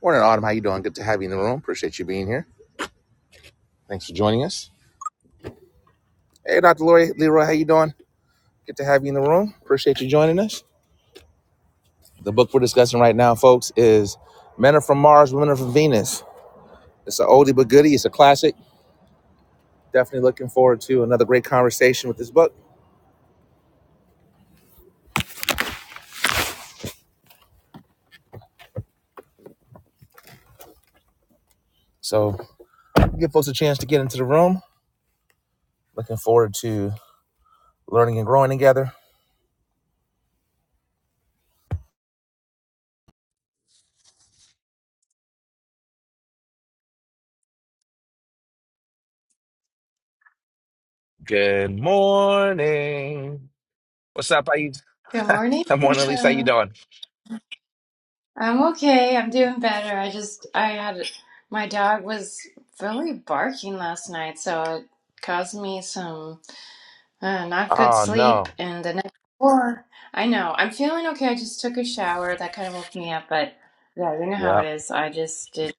Morning, Autumn. How you doing? Good to have you in the room. Appreciate you being here. Thanks for joining us. Hey, Dr. Lori Leroy, how you doing? Good to have you in the room. Appreciate you joining us. The book we're discussing right now, folks, is Men Are From Mars, Women Are From Venus. It's an oldie but goodie. It's a classic. Definitely looking forward to another great conversation with this book. So give folks a chance to get into the room. Looking forward to learning and growing together. Good morning. What's up? How you? Good morning, Good morning, Lisa. How you Keisha. doing? I'm okay. I'm doing better. I just, I had, my dog was really barking last night, so it caused me some uh, not good Oh sleep. no. And the next or I know, I'm feeling okay. I just took a shower. That kind of woke me up, but yeah, you know how Yeah. it is. I just did,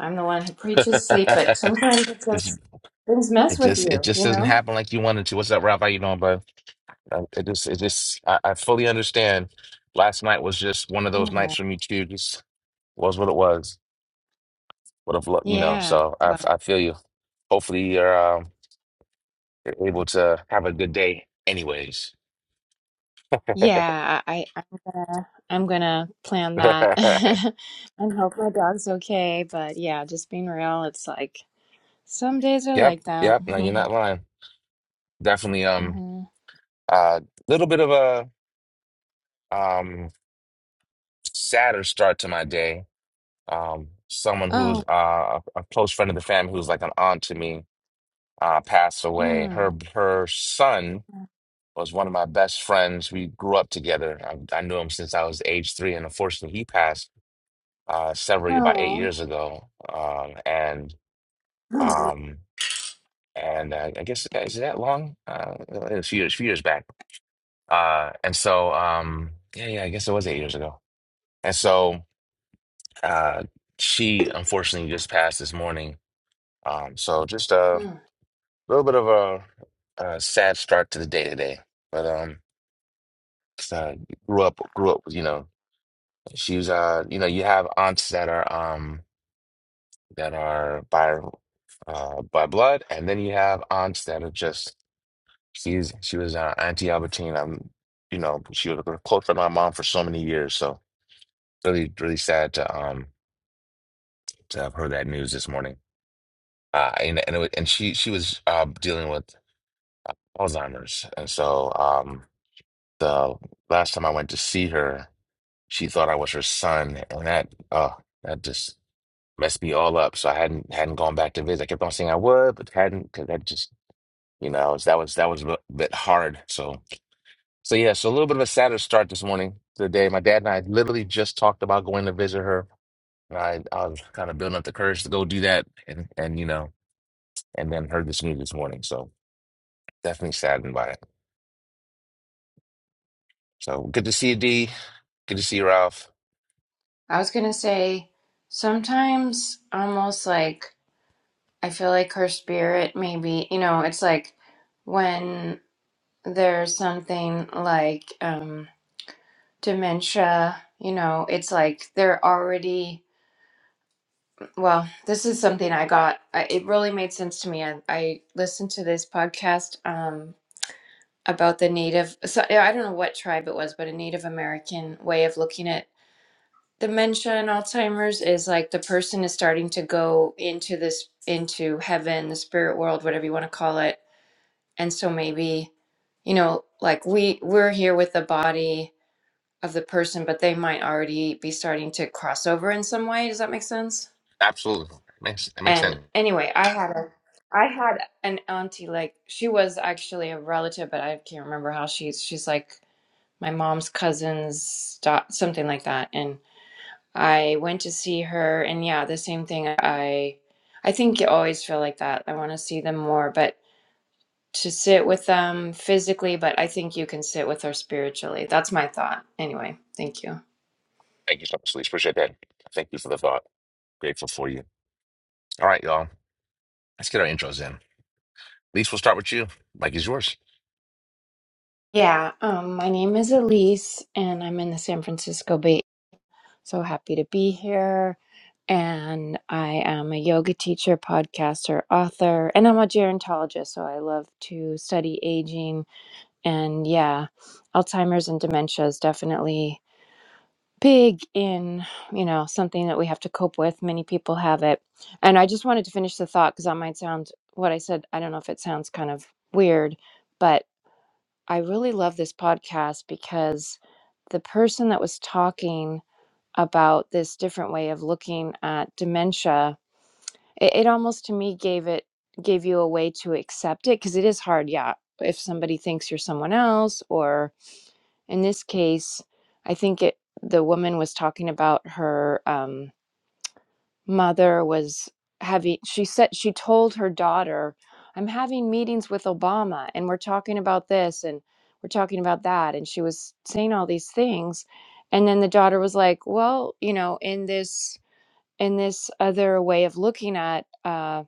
I'm the one who preaches sleep, but sometimes it Just just, things it mess with just it you, just you doesn't know? happen like you wanted to. What's up, Ralph? How you doing, bud? Uh, It just it just I, I fully understand. Last night was just one of those Yeah. nights for me too. Just was what it was. What have you know? Yeah. So I Well. I feel you. Hopefully you're um you're able to have a good day. Anyways. Yeah, I, I- I'm gonna I'm gonna plan that and hope my dog's okay. But yeah, just being real, it's like some days are Yep, like that. yep. No, you're not lying. Definitely um hmm a little bit of a um sadder start to my day. Um someone who's Oh, uh a a close friend of the family who's like an aunt to me. uh, passed away. mm, Her her son was one of my best friends. We grew up together. I, I knew him since I was age three, and unfortunately, he passed uh, several about eight oh. years ago. Um, and um, and uh, I guess is it that long? Uh, a few years, few years back. Uh, and so um, yeah, yeah, I guess it was eight years ago. And so uh, she unfortunately just passed this morning. Um, so just a Mm. little bit of a, a sad start to the day today, but um. 'cause I grew up grew up you know she was uh you know you have aunts that are um that are by uh by blood and then you have aunts that are just she's she was uh, Auntie Albertine um you know she was a close friend of my mom for so many years so really really sad to um to have heard that news this morning uh and and, it, wa- and she she was uh dealing with Alzheimer's and so um the last time I went to see her she thought I was her son and that uh that just messed me all up. So I hadn't hadn't gone back to visit. I kept on saying I would, but hadn't because that just you know I that was that was a bit hard. So so yeah, so a little bit of a sadder start this morning to the day. My dad and I literally just talked about going to visit her, and I I was kind of building up the courage to go do that, and and you know, and then heard this news this morning. So definitely saddened by it. So good to see you, D. Good to see you, Ralph. I was gonna say sometimes almost like I feel like her spirit maybe, you know, it's like when there's something like um dementia, you know, it's like they're already. Well, this is something I got. I, it really made sense to me. I, I listened to this podcast um, about the Native, so yeah, I don't know what tribe it was, but a Native American way of looking at dementia and Alzheimer's is like the person is starting to go into this, into heaven, the spirit world, whatever you want to call it. And so maybe, you know, like we we're here with the body of the person, but they might already be starting to cross over in some way. Does that make sense? Absolutely, makes it makes And sense. anyway, I had a I had an auntie like she was actually a relative, but I can't remember how she's she's like my mom's cousin's da- something like that. And I went to see her and yeah, the same thing. I I think you always feel like that. I want to see them more, but to sit with them physically, but I think you can sit with her spiritually. That's my thought. Anyway, thank you. Thank you so much, Lisa. Appreciate that. Thank you for the thought. Grateful for you. All right, y'all. Let's get our intros in. Elise, we'll start with you. Mike is yours. Yeah, um, my name is Elise, and I'm in the San Francisco Bay So happy to be here. And I am a yoga teacher, podcaster, author, and I'm a gerontologist. So I love to study aging. And yeah, Alzheimer's and dementia is definitely big in, you know, something that we have to cope with. Many people have it. And I just wanted to finish the thought because that might sound what I said. I don't know if it sounds kind of weird, but I really love this podcast because the person that was talking about this different way of looking at dementia it, it almost to me gave it gave you a way to accept it because it is hard yeah if somebody thinks you're someone else or in this case i think it the woman was talking about her um, mother was having she said she told her daughter i'm having meetings with obama and we're talking about this and we're talking about that and she was saying all these things and then the daughter was like well you know in this in this other way of looking at uh,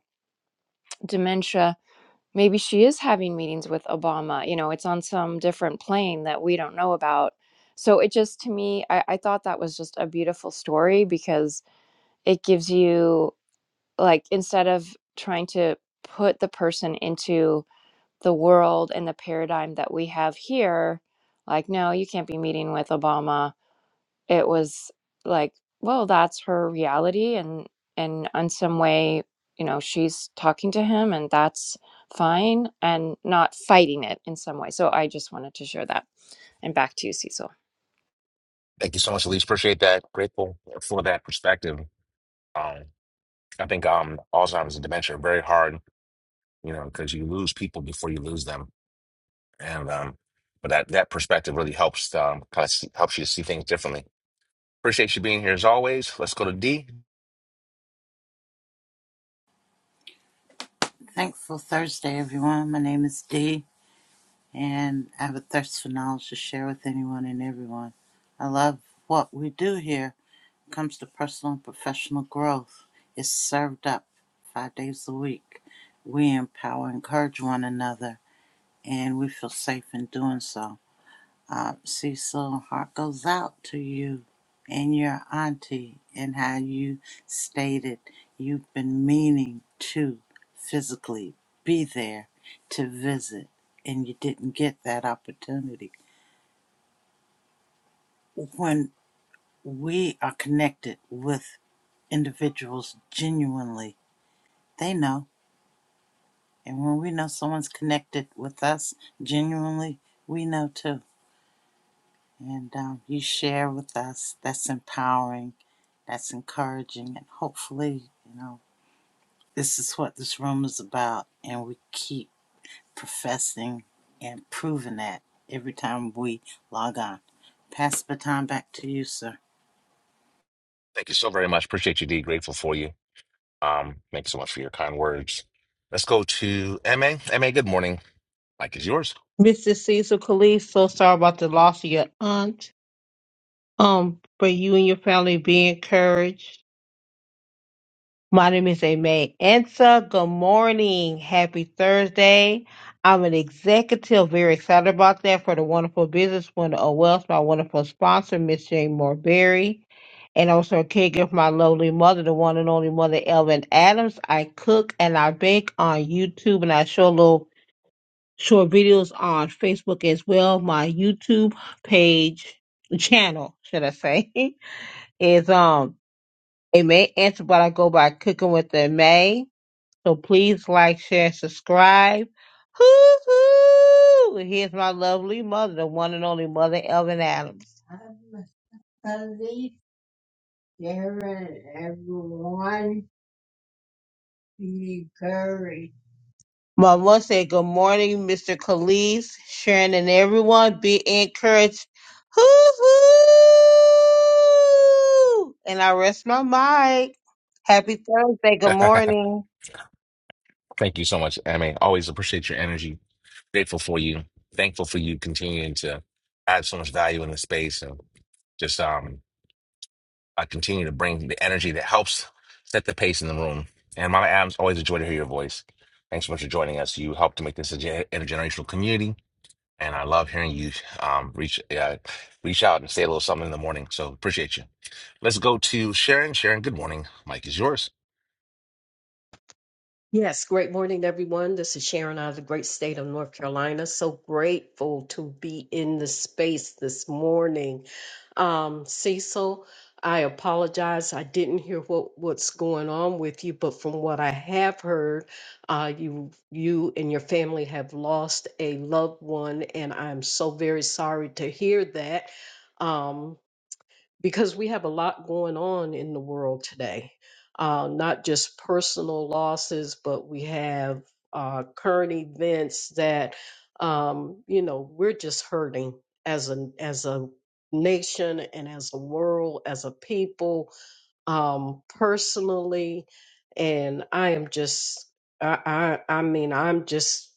dementia, maybe she is having meetings with Obama. You know, it's on some different plane that we don't know about. So it just, to me, I, I thought that was just a beautiful story because it gives you, like, instead of trying to put the person into the world and the paradigm that we have here, like, no, you can't be meeting with Obama it was like well that's her reality and and in some way you know she's talking to him and that's fine and not fighting it in some way so i just wanted to share that and back to you cecil Thank you so much, Elise. Appreciate that. Grateful for that perspective. Um, I think um, Alzheimer's and dementia are very hard, you know, because you lose people before you lose them, and um, but that that perspective really helps um, kind of see, helps you to see things differently. Appreciate you being here as always. Let's go to D. Thankful Thursday, everyone. My name is Dee, and I have a thirst for knowledge to share with anyone and everyone. I love what we do here. When it comes to personal and professional growth. It's served up five days a week. We empower, encourage one another, and we feel safe in doing so. Uh, Cecil, heart goes out to you and your auntie, and how you stated you've been meaning to physically be there to visit, and you didn't get that opportunity. When we are connected with individuals genuinely, they know. And when we know someone's connected with us genuinely, we know too And um, you share with us. That's empowering. That's encouraging. And hopefully, you know, this is what this room is about. And we keep professing and proving that every time we log on. Pass the baton back to you, sir. Thank you so very much. Appreciate you, D. Grateful for you. Um, thank you so much for your kind words. Let's go to M A. M A. good morning. Mike is yours. Mrs. Cecil Khalid, so sorry about the loss of your aunt. Um, for you and your family be encouraged. My name is Aimee Ansa. Good morning. Happy Thursday. I'm an executive, very excited about that for the wonderful business winner of wealth, my wonderful sponsor, Miss Jane Morberry. And also a caregiver for my lovely mother, the one and only mother, Elvin Adams. I cook and I bake on YouTube and I show a little short videos on Facebook as well. My YouTube page channel, should I say, is um a may answer but I go by cooking with the May. So please like, share, subscribe. Hoo hoo! Here's my lovely mother, the one and only mother Elvin Adams. Everyone be courage. I want to say good morning, Mr. Khalees, Sharon, and everyone. Be encouraged. Hoo-hoo! And I rest my mic. Happy Thursday. Good morning. Thank you so much, Amy. Always appreciate your energy. Grateful for you. Thankful for you continuing to add so much value in the space and just um I continue to bring the energy that helps set the pace in the room. And Mama Adams, always a joy to hear your voice. Thanks so much for joining us. You helped to make this a gen- intergenerational community, and I love hearing you um, reach uh, reach out and say a little something in the morning. So appreciate you. Let's go to Sharon. Sharon, good morning. Mike is yours. Yes, great morning, everyone. This is Sharon out of the great state of North Carolina. So grateful to be in the space this morning. Um, Cecil, I apologize. I didn't hear what, what's going on with you, but from what I have heard, uh, you you and your family have lost a loved one, and I'm so very sorry to hear that. Um, because we have a lot going on in the world today, uh, not just personal losses, but we have uh, current events that um, you know we're just hurting as a as a nation and as a world, as a people, um, personally, and I am just I I, I mean I'm just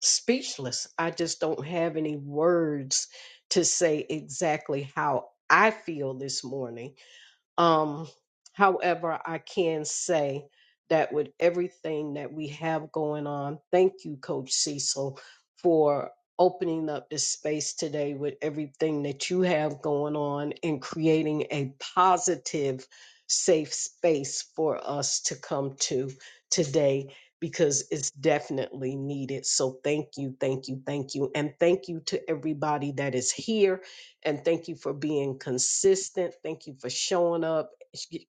speechless. I just don't have any words to say exactly how I feel this morning. Um, however, I can say that with everything that we have going on, thank you, Coach Cecil, for opening up this space today with everything that you have going on and creating a positive, safe space for us to come to today because it's definitely needed. So thank you, thank you, thank you. And thank you to everybody that is here and thank you for being consistent. Thank you for showing up.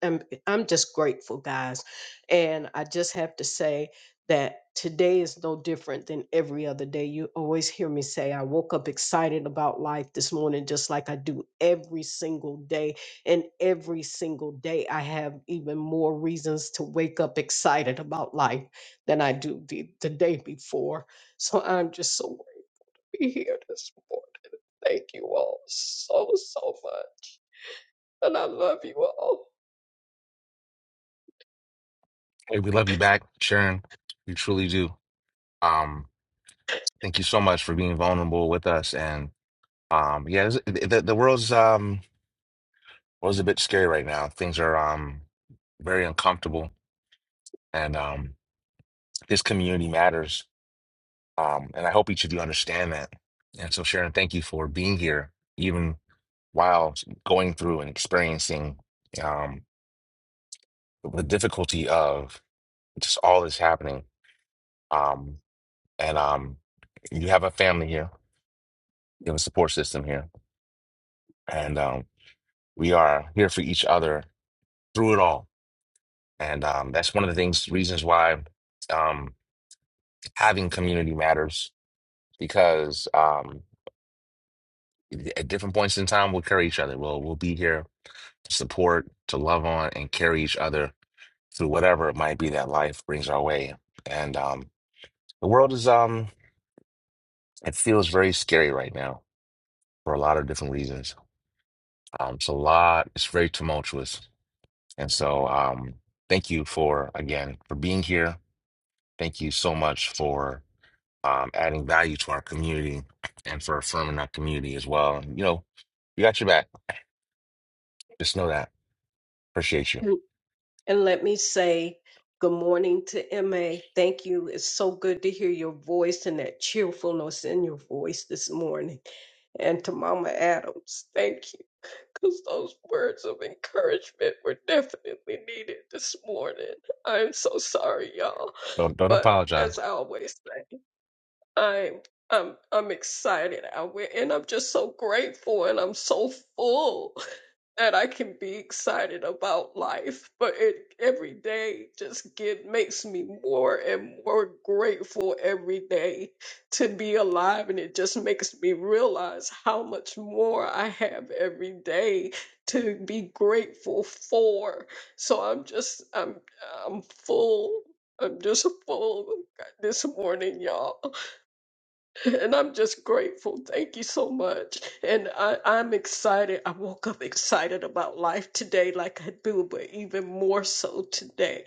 I'm, I'm just grateful, guys. And I just have to say that today is no different than every other day. You always hear me say, I woke up excited about life this morning, just like I do every single day. And every single day, I have even more reasons to wake up excited about life than I do the, the day before. So I'm just so happy here this morning. Thank you all so, so much. And I love you all. Hey, we love you back, Sharon. We truly do. Um, Thank you so much for being vulnerable with us. And um, yeah, it's- the the world's um world's a bit scary right now. Things are um very uncomfortable, and um this community matters. Um, and I hope each of you understand that. And so, Sharon, thank you for being here, even while going through and experiencing um the difficulty of just all that's happening. Um, and um, you have a family here, you have a support system here, and um, we are here for each other through it all. And um, that's one of the things, reasons why um, having community matters because um, at different points in time, we'll carry each other. We'll, we'll be here to support, to love on, and carry each other through whatever it might be that life brings our way. And um, the world is, um, it feels very scary right now for a lot of different reasons. Um, it's a lot, it's very tumultuous. And so, um, thank you for, again, for being here. Thank you so much for. um, adding value to our community and for affirming our community as well. And, you know, we got your back. Just know that. Appreciate you. And and let me say good morning to MA. Thank you. It's so good to hear your voice and that cheerfulness in your voice this morning. And to Mama Adams, thank you. Because those words of encouragement were definitely needed this morning. I'm so sorry, y'all. Don't don't But apologize. as I always say, I'm I'm I'm excited. I went and I'm just so grateful and I'm so full that I can be excited about life. But it every day just get makes me more and more grateful every day to be alive and it just makes me realize how much more I have every day to be grateful for. So I'm just I'm I'm full. I'm just full this morning, y'all. And I'm just grateful. Thank you so much. And I, I'm excited. I woke up excited about life today, like I do, but even more so today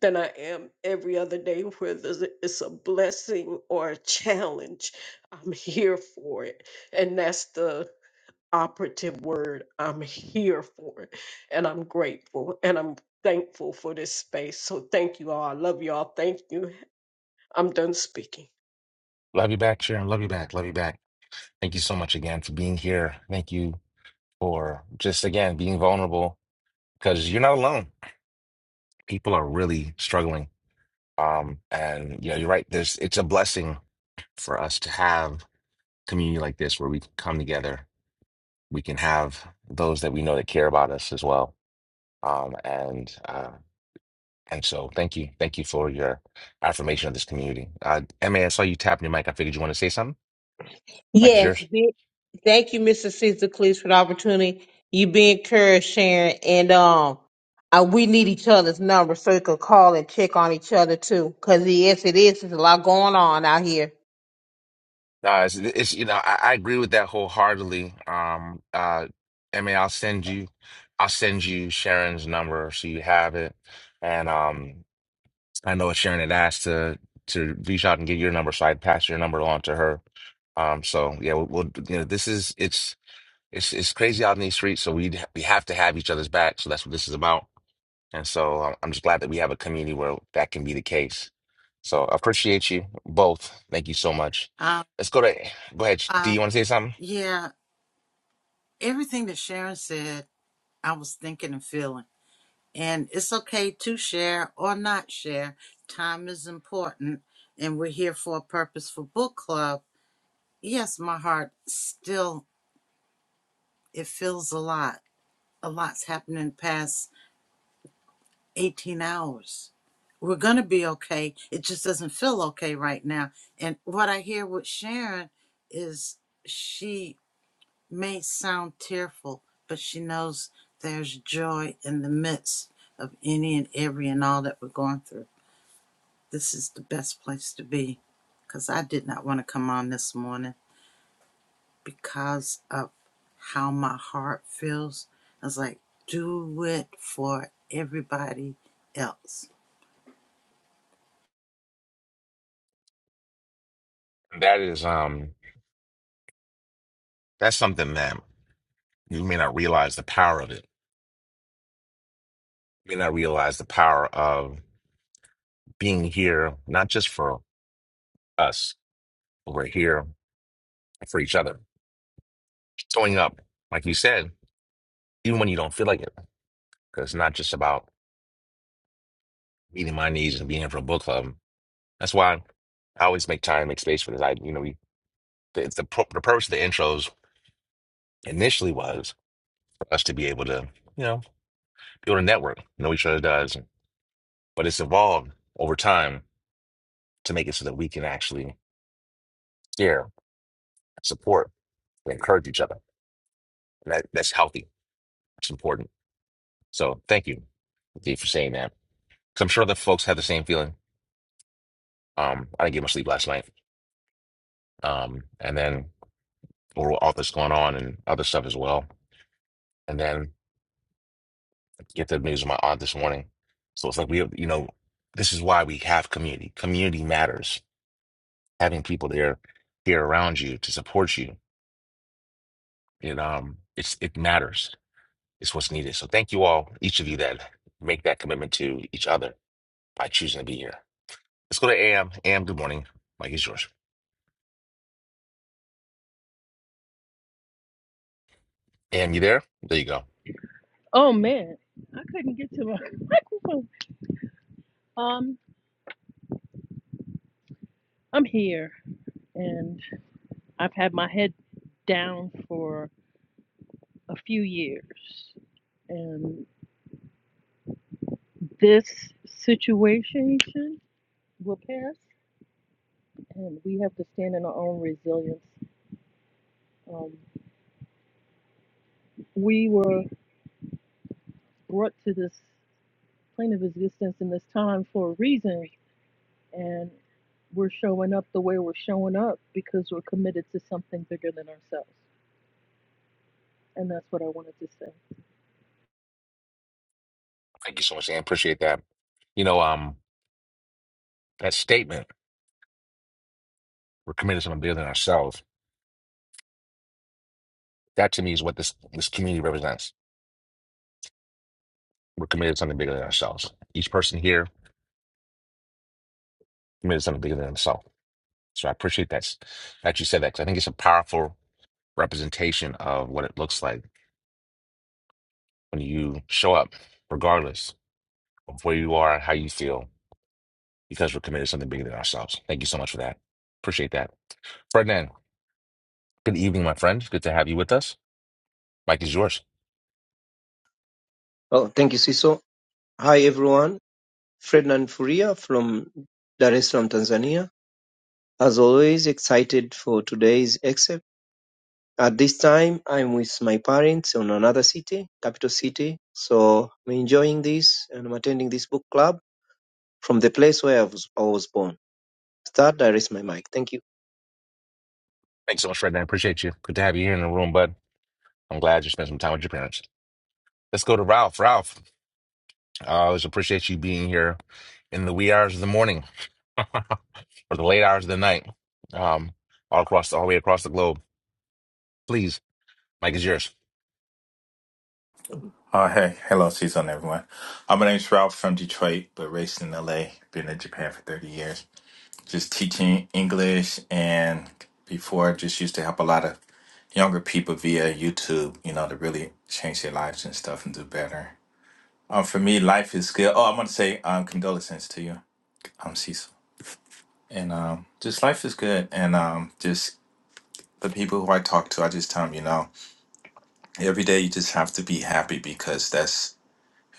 than I am every other day, whether it's it's a blessing or a challenge. I'm here for it. And that's the operative word. I'm here for it. And I'm grateful. And I'm thankful for this space. So thank you all. I love you all. Thank you. I'm done speaking. Love you back, Sharon. Love you back. Love you back. Thank you so much again for being here. Thank you for just again being vulnerable because you're not alone. People are really struggling. Um, and you know, you're right. There's it's a blessing for us to have community like this where we can come together. We can have those that we know that care about us as well. Um, and uh, and so thank you, thank you for your affirmation of this community. Uh, Emma, I saw you tapping your mic. I figured you want to say something. Mic is Yes. yours. Be, thank you, Mr. Caesar Cleese, for the opportunity. You be encouraged, Sharon. And um, I, we need each other's numbers so we can call and check on each other, too. Because, yes, it is. There's a lot going on out here. No, it's, it's you know I, I agree with that wholeheartedly. Um, uh, I mean, I'll send you, I'll send you Sharon's number so you have it, and um, I know Sharon had asked to to reach out and get your number, so I'd pass your number on to her. Um, so yeah, we'll, we'll you know this is it's it's it's crazy out in these streets, so we we have to have each other's back. So that's what this is about. And so I'm I'm just glad that we have a community where that can be the case. So I appreciate you both. Thank you so much. Um, Let's go to go ahead. Do you um, want to say something? yeah, everything that Sharon said, I was thinking and feeling. And it's okay to share or not share. Time is important. And we're here for a purposeful book club yes, my heart still it feels a lot. A lot's happened in the past 18 hours. We're gonna be okay. It just doesn't feel okay right now. And what I hear with Sharon is she may sound tearful, but she knows there's joy in the midst of any and every and all that we're going through. This is the best place to be. Cause I did not want to come on this morning. because of how my heart feels. I was like, do it for everybody else. That is um that's something that you may not realize the power of it. You may not realize the power of being here, not just for us, but we're here for each other. Showing up, like you said, even when you don't feel like it. Because it's not just about meeting my needs and being here for a book club. That's why I always make time, make space for this. I, you know, we. The, the, pro- the purpose of the intros initially was for us to be able to, you know, build a network, know each other does, but it's evolved over time to make it so that we can actually share, support, and encourage each other. And that, that's healthy. It's important. So thank you, Dave, for saying that. Because I'm sure other folks have the same feeling. Um, I didn't get much sleep last night. Um, and then all all this going on and other stuff as well. And then get the news of my aunt this morning. So it's like we have, you know, this is why we have community. Community matters having people there here around you to support you it um it's it matters it's what's needed so thank you all each of you that make that commitment to each other by choosing to be here let's go to am am good morning mike is yours am you there there you go Oh man, I couldn't get to my microphone. Um, I'm here and I've had my head down for a few years. And this situation will pass and we have to stand in our own resilience. Um, we were brought to this plane of existence in this time for a reason and we're showing up the way we're showing up because we're committed to something bigger than ourselves. And that's what I wanted to say. thank you so much am appreciate that you know um that statement we're committed to something bigger than ourselves that to me is what this this community represents we're committed to something bigger than ourselves each person here committed to something bigger than themselves so i appreciate that that you said that because i think it's a powerful representation of what it looks like when you show up, regardless of where you are and how you feel, because we're committed to something bigger than ourselves. Thank you so much for that. Appreciate that. Ferdinand, good evening, my friend. Good to have you with us. Mike is yours. Oh, thank you, Siso. Hi, everyone. Ferdinand Furia from Dar es Salaam, Tanzania. As always, excited for today's except. At this time, I'm with my parents in another city, capital city. So I'm enjoying this and I'm attending this book club from the place where I was, I was born. Start, I raise my mic. Thank you. Thanks so much, Ferdinand. Appreciate you. Good to have you here in the room, bud. I'm glad you spent some time with your parents. Let's go to Ralph. Ralph, I always appreciate you being here in the wee hours of the morning or the late hours of the night, um, all across, all the way across the globe. Please, Mike is yours. Oh, hey. Hello, season, everyone. Uh, my name's Ralph from Detroit, but raised in LA. Been in Japan for 30 years. Just teaching English, and before, I just used to help a lot of younger people via YouTube, you know, to really change their lives and stuff and do better. Um, for me, life is good. Oh, I want to say um, condolences to you, um, Cecil. And um, just life is good. And um, just the people who I talk to, I just tell them, you know, every day you just have to be happy because that's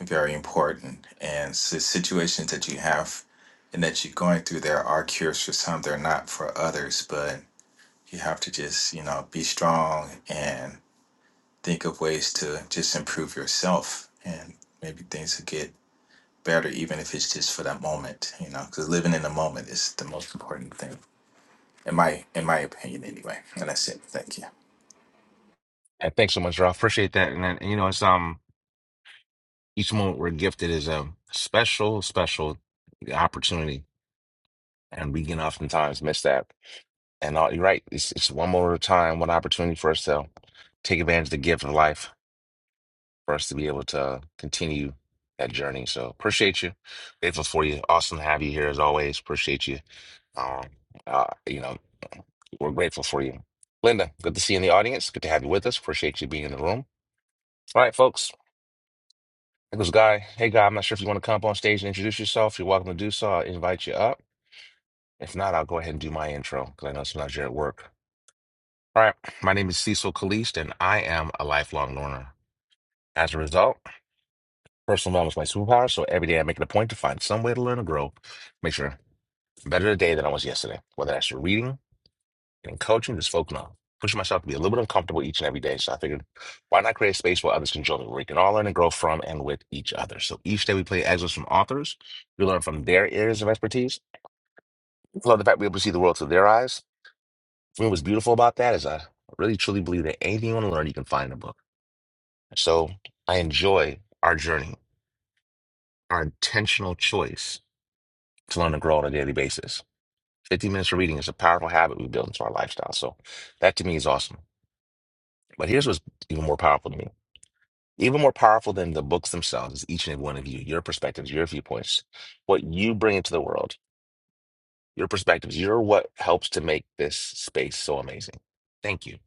very important. And the situations that you have and that you're going through, there are cures for some, they're not for others, but you have to just, you know, be strong and think of ways to just improve yourself and maybe things will get better, even if it's just for that moment, you know, because living in the moment is the most important thing. In my in my opinion anyway. And that's it. Thank you. And thanks so much, Ralph. Appreciate that. And, then, you know, it's um each moment we're gifted is a special, special opportunity, and we can oftentimes miss that. And all, you're right. It's it's one more time, one opportunity for us to take advantage of the gift of life, for us to be able to continue that journey. So appreciate you. Grateful for you. Awesome to have you here as always. Appreciate you. Um, uh, you know, we're grateful for you. Linda, good to see you in the audience. Good to have you with us. Appreciate you being in the room. All right, folks. Nicholas Guy, hey Guy, I'm not sure if you want to come up on stage and introduce yourself. You're welcome to do so. I'll invite you up. If not, I'll go ahead and do my intro because I know sometimes you're at work. All right, my name is Cecil Kalist and I am a lifelong learner. As a result, personal development is my superpower, so every day I make it a point to find some way to learn and grow, make sure I'm better today than I was yesterday, whether that's through reading, and coaching is focusing on pushing myself to be a little bit uncomfortable each and every day. So I figured, why not create a space where others can join me, where we can all learn and grow from and with each other. So each day we play excerpts from authors. We learn from their areas of expertise. I love the fact we're able to see the world through their eyes. For me, what's beautiful about that is I really truly believe that anything you want to learn, you can find in a book. So I enjoy our journey, our intentional choice to learn and grow on a daily basis. 15 minutes of reading is a powerful habit we build into our lifestyle. So that to me is awesome. But here's what's even more powerful to me. Even more powerful than the books themselves is each and every one of you, your perspectives, your viewpoints, what you bring into the world, your perspectives. You're what helps to make this space so amazing. Thank you.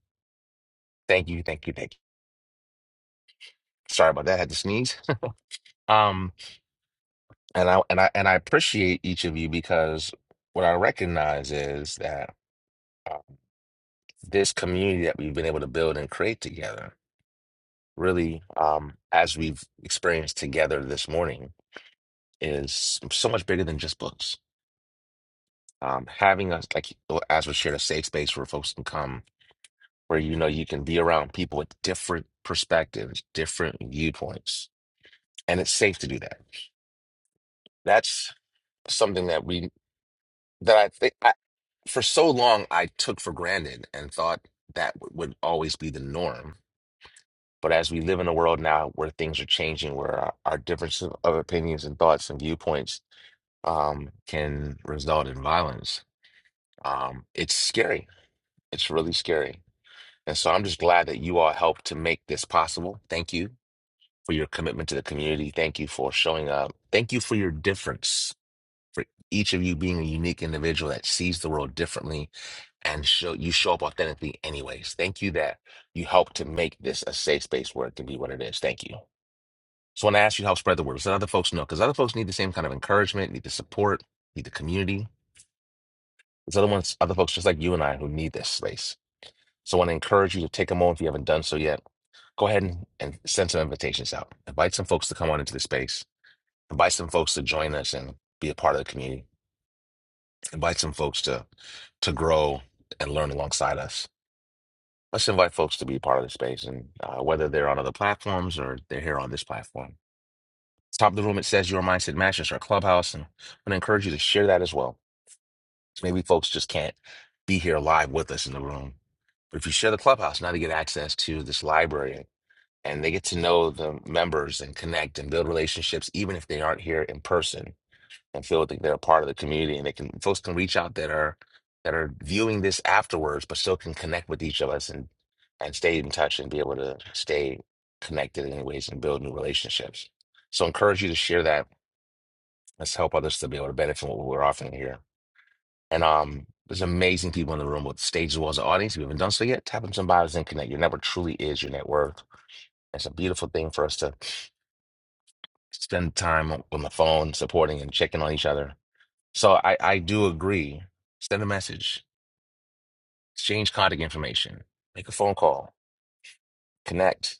Thank you. Thank you. Thank you. Sorry about that. I had to sneeze. Um, and I and I and I appreciate each of you because what I recognize is that uh, this community that we've been able to build and create together, really, um, as we've experienced together this morning, is so much bigger than just books um, having us like well, as was shared a safe space where folks can come where you know you can be around people with different perspectives different viewpoints and it's safe to do that that's something that we that i think I, for so long i took for granted and thought that w- would always be the norm but as we live in a world now where things are changing where our, our differences of opinions and thoughts and viewpoints um, can result in violence um, it's scary it's really scary And so I'm just glad that you all helped to make this possible. Thank you for your commitment to the community. Thank you for showing up. Thank you for your difference, for each of you being a unique individual that sees the world differently and show you show up authentically anyways. Thank you that you helped to make this a safe space where it can be what it is. Thank you. So when I ask you to help spread the word, so other folks know, because other folks need the same kind of encouragement, need the support, need the community. There's other ones, other folks just like you and I who need this space. So I want to encourage you to take a moment if you haven't done so yet go ahead and, and send some invitations out. Invite some folks to come on into the space. Invite some folks to join us and be a part of the community. Invite some folks to to grow and learn alongside us. Let's invite folks to be a part of the space, and uh, whether they're on other platforms or they're here on this platform. Top of the room, it says your mindset matches our clubhouse, and I'm gonna encourage you to share that as well. Maybe folks just can't be here live with us in the room, but if you share the clubhouse, now they get access to this library and they get to know the members and connect and build relationships, even if they aren't here in person and feel like they're a part of the community. And they can folks can reach out that are that are viewing this afterwards, but still can connect with each of us and and stay in touch and be able to stay connected in ways and build new relationships. So I encourage you to share that. Let's help others to be able to benefit from what we're offering here. And um, there's amazing people in the room with stage as well as the audience. If you haven't done so yet, tap on some bios and connect. Your network truly is your net worth. It's a beautiful thing for us to spend time on on the phone supporting and checking on each other. So I, I do agree. Send a message, exchange contact information, make a phone call, connect.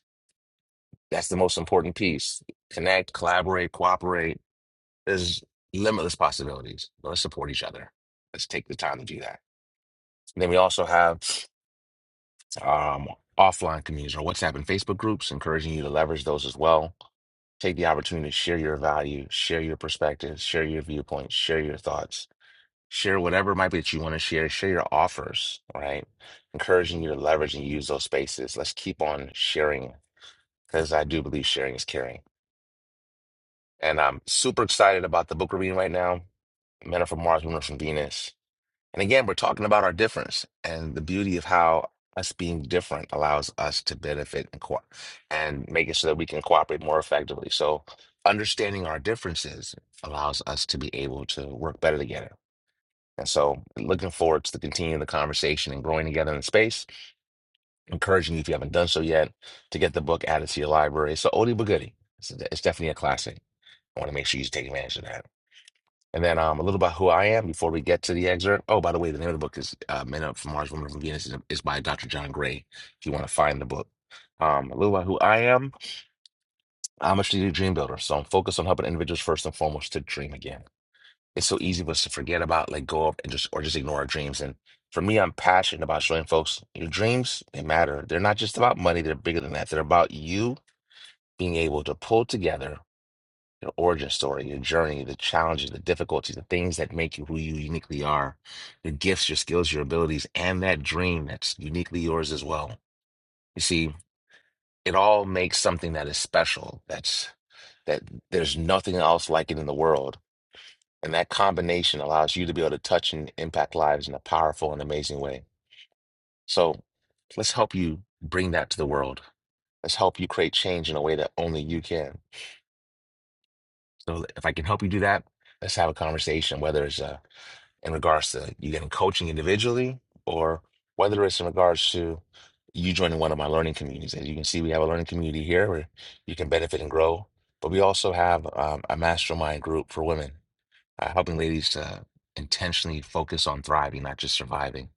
That's the most important piece. Connect, collaborate, cooperate. There's limitless possibilities. But Let's support each other. Let's take the time to do that. And then we also have um, offline communities or WhatsApp and Facebook groups, encouraging you to leverage those as well. Take the opportunity to share your value, share your perspectives, share your viewpoints, share your thoughts Share whatever it might be that you want to share. Share your offers, right? Encouraging you to leverage and use those spaces. Let's keep on sharing because I do believe sharing is caring. And I'm super excited about the book we're reading right now, Men Are From Mars, Women Are From Venus. And again, we're talking about our difference and the beauty of how us being different allows us to benefit and co- and make it so that we can cooperate more effectively. So understanding our differences allows us to be able to work better together And so, looking forward to continuing the conversation and growing together in space. Encouraging you, if you haven't done so yet, to get the book added to your library. It's an oldie but goodie. It's, it's definitely a classic. I want to make sure you take advantage of that. And then um, a little about who I am before we get to the excerpt. Oh, by the way, the name of the book is uh, Men Up from Mars, Women Up from Venus is, is by Dr. John Gray, if you want to find the book. Um, a little about who I am. I'm a strategic dream builder, so I'm focused on helping individuals first and foremost to dream again. it's so easy for us to forget about, let go of, and just or just ignore our dreams. And for me, I'm passionate about showing folks your dreams, they matter. They're not just about money, they're bigger than that. They're about you being able to pull together your origin story, your journey, the challenges, the difficulties, the things that make you who you uniquely are, your gifts, your skills, your abilities, and that dream that's uniquely yours as well. You see, it all makes something that is special. That's that there's nothing else like it in the world And that combination allows you to be able to touch and impact lives in a powerful and amazing way. So let's help you bring that to the world. Let's help you create change in a way that only you can. So if I can help you do that, let's have a conversation, whether it's uh, in regards to you getting coaching individually or whether it's in regards to you joining one of my learning communities. As you can see, we have a learning community here where you can benefit and grow, but we also have um, a mastermind group for women uh, helping ladies to intentionally focus on thriving, not just surviving.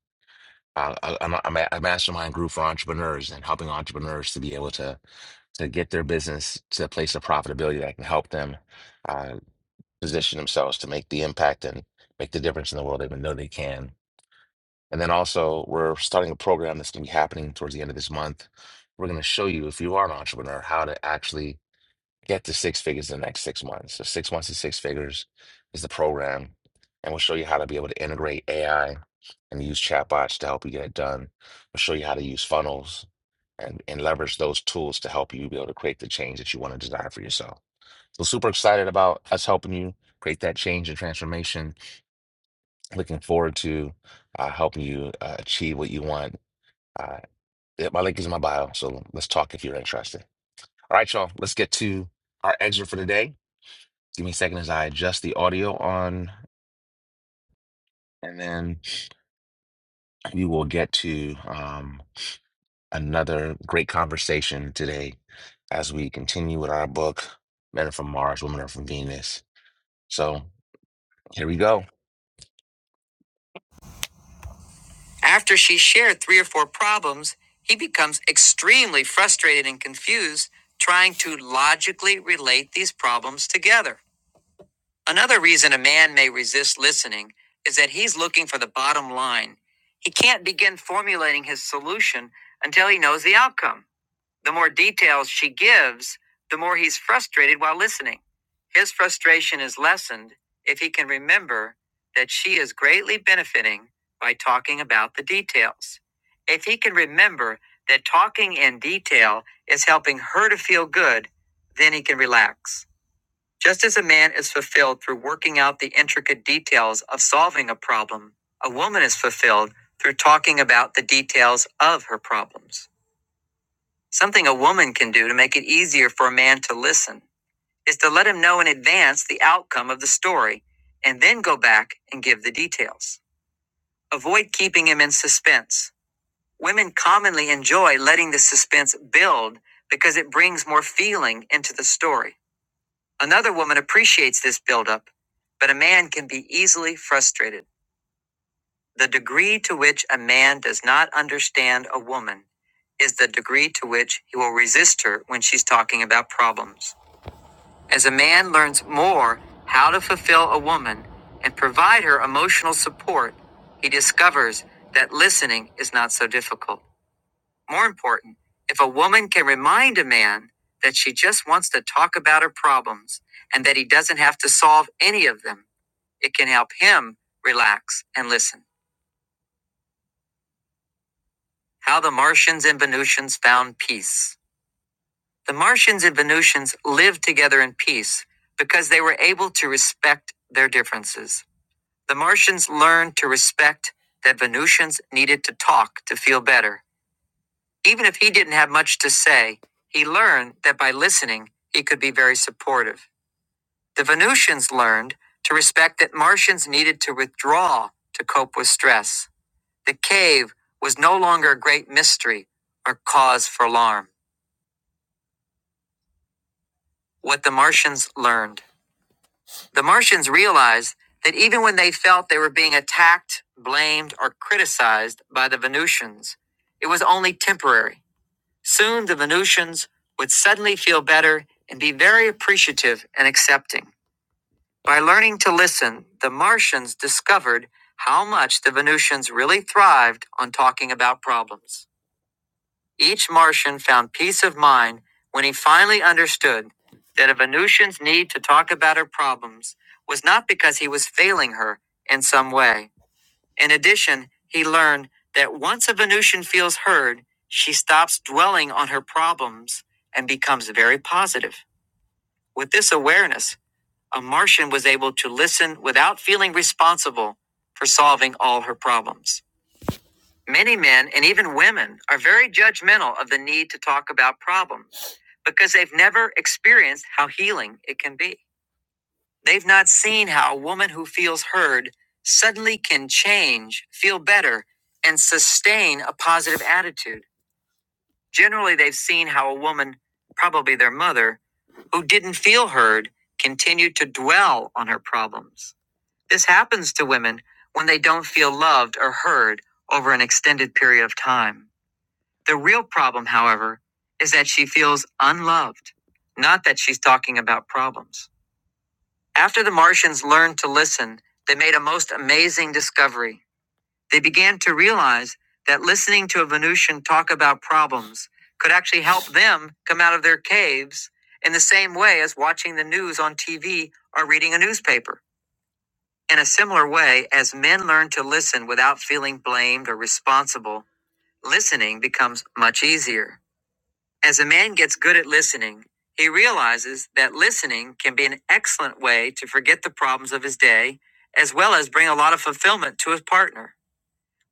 Uh, I, I'm, a, I'm a a mastermind group for entrepreneurs and helping entrepreneurs to be able to to get their business to a place of profitability that can help them uh, position themselves to make the impact and make the difference in the world they even know they can. And then also, we're starting a program that's going to be happening towards the end of this month. We're going to show you, if you are an entrepreneur, how to actually get to six figures in the next six months. So six months to six figures is the program. And we'll show you how to be able to integrate AI and use chatbots to help you get it done. We'll show you how to use funnels and, and leverage those tools to help you be able to create the change that you want to desire for yourself. So super excited about us helping you create that change and transformation. Looking forward to uh, helping you uh, achieve what you want. Uh, yeah, my link is in my bio. So let's talk if you're interested. All right, y'all, let's get to our exit for today. Give me a second as I adjust the audio on, and then we will get to um, another great conversation today as we continue with our book, Men Are From Mars, Women Are From Venus. So here we go. After she shared three or four problems, he becomes extremely frustrated and confused trying to logically relate these problems together. Another reason a man may resist listening is that he's looking for the bottom line. He can't begin formulating his solution until he knows the outcome. The more details she gives, the more he's frustrated while listening. His frustration is lessened if he can remember that she is greatly benefiting by talking about the details. If he can remember that talking in detail is helping her to feel good, then he can relax. Just as a man is fulfilled through working out the intricate details of solving a problem, a woman is fulfilled through talking about the details of her problems. Something a woman can do to make it easier for a man to listen is to let him know in advance the outcome of the story and then go back and give the details. Avoid keeping him in suspense. Women commonly enjoy letting the suspense build because it brings more feeling into the story. Another woman appreciates this buildup, but a man can be easily frustrated. The degree to which a man does not understand a woman is the degree to which he will resist her when she's talking about problems. As a man learns more how to fulfill a woman and provide her emotional support, he discovers that listening is not so difficult. More important, if a woman can remind a man that she just wants to talk about her problems and that he doesn't have to solve any of them, it can help him relax and listen. How the Martians and Venusians found peace. The Martians and Venusians lived together in peace because they were able to respect their differences. The Martians learned to respect that Venusians needed to talk to feel better Even if he didn't have much to say, he learned that by listening, he could be very supportive. The Venusians learned to respect that Martians needed to withdraw to cope with stress. The cave was no longer a great mystery or cause for alarm. What the Martians learned. The Martians realized that even when they felt they were being attacked, blamed, or criticized by the Venusians, it was only temporary. Soon the Venusians would suddenly feel better and be very appreciative and accepting. By learning to listen, the Martians discovered how much the Venusians really thrived on talking about problems. Each Martian found peace of mind when he finally understood that a Venusian's need to talk about her problems was not because he was failing her in some way. In addition, he learned that once a Venusian feels heard, she stops dwelling on her problems and becomes very positive. With this awareness, a Martian was able to listen without feeling responsible for solving all her problems. Many men and even women are very judgmental of the need to talk about problems because they've never experienced how healing it can be. They've not seen how a woman who feels heard suddenly can change, feel better, and sustain a positive attitude. Generally, they've seen how a woman, probably their mother, who didn't feel heard, continued to dwell on her problems. This happens to women when they don't feel loved or heard over an extended period of time. The real problem, however, is that she feels unloved, not that she's talking about problems. After the Martians learned to listen, they made a most amazing discovery. They began to realize that listening to a Venusian talk about problems could actually help them come out of their caves in the same way as watching the news on TV or reading a newspaper. In a similar way, as men learn to listen without feeling blamed or responsible, listening becomes much easier. As a man gets good at listening, he realizes that listening can be an excellent way to forget the problems of his day, as well as bring a lot of fulfillment to his partner.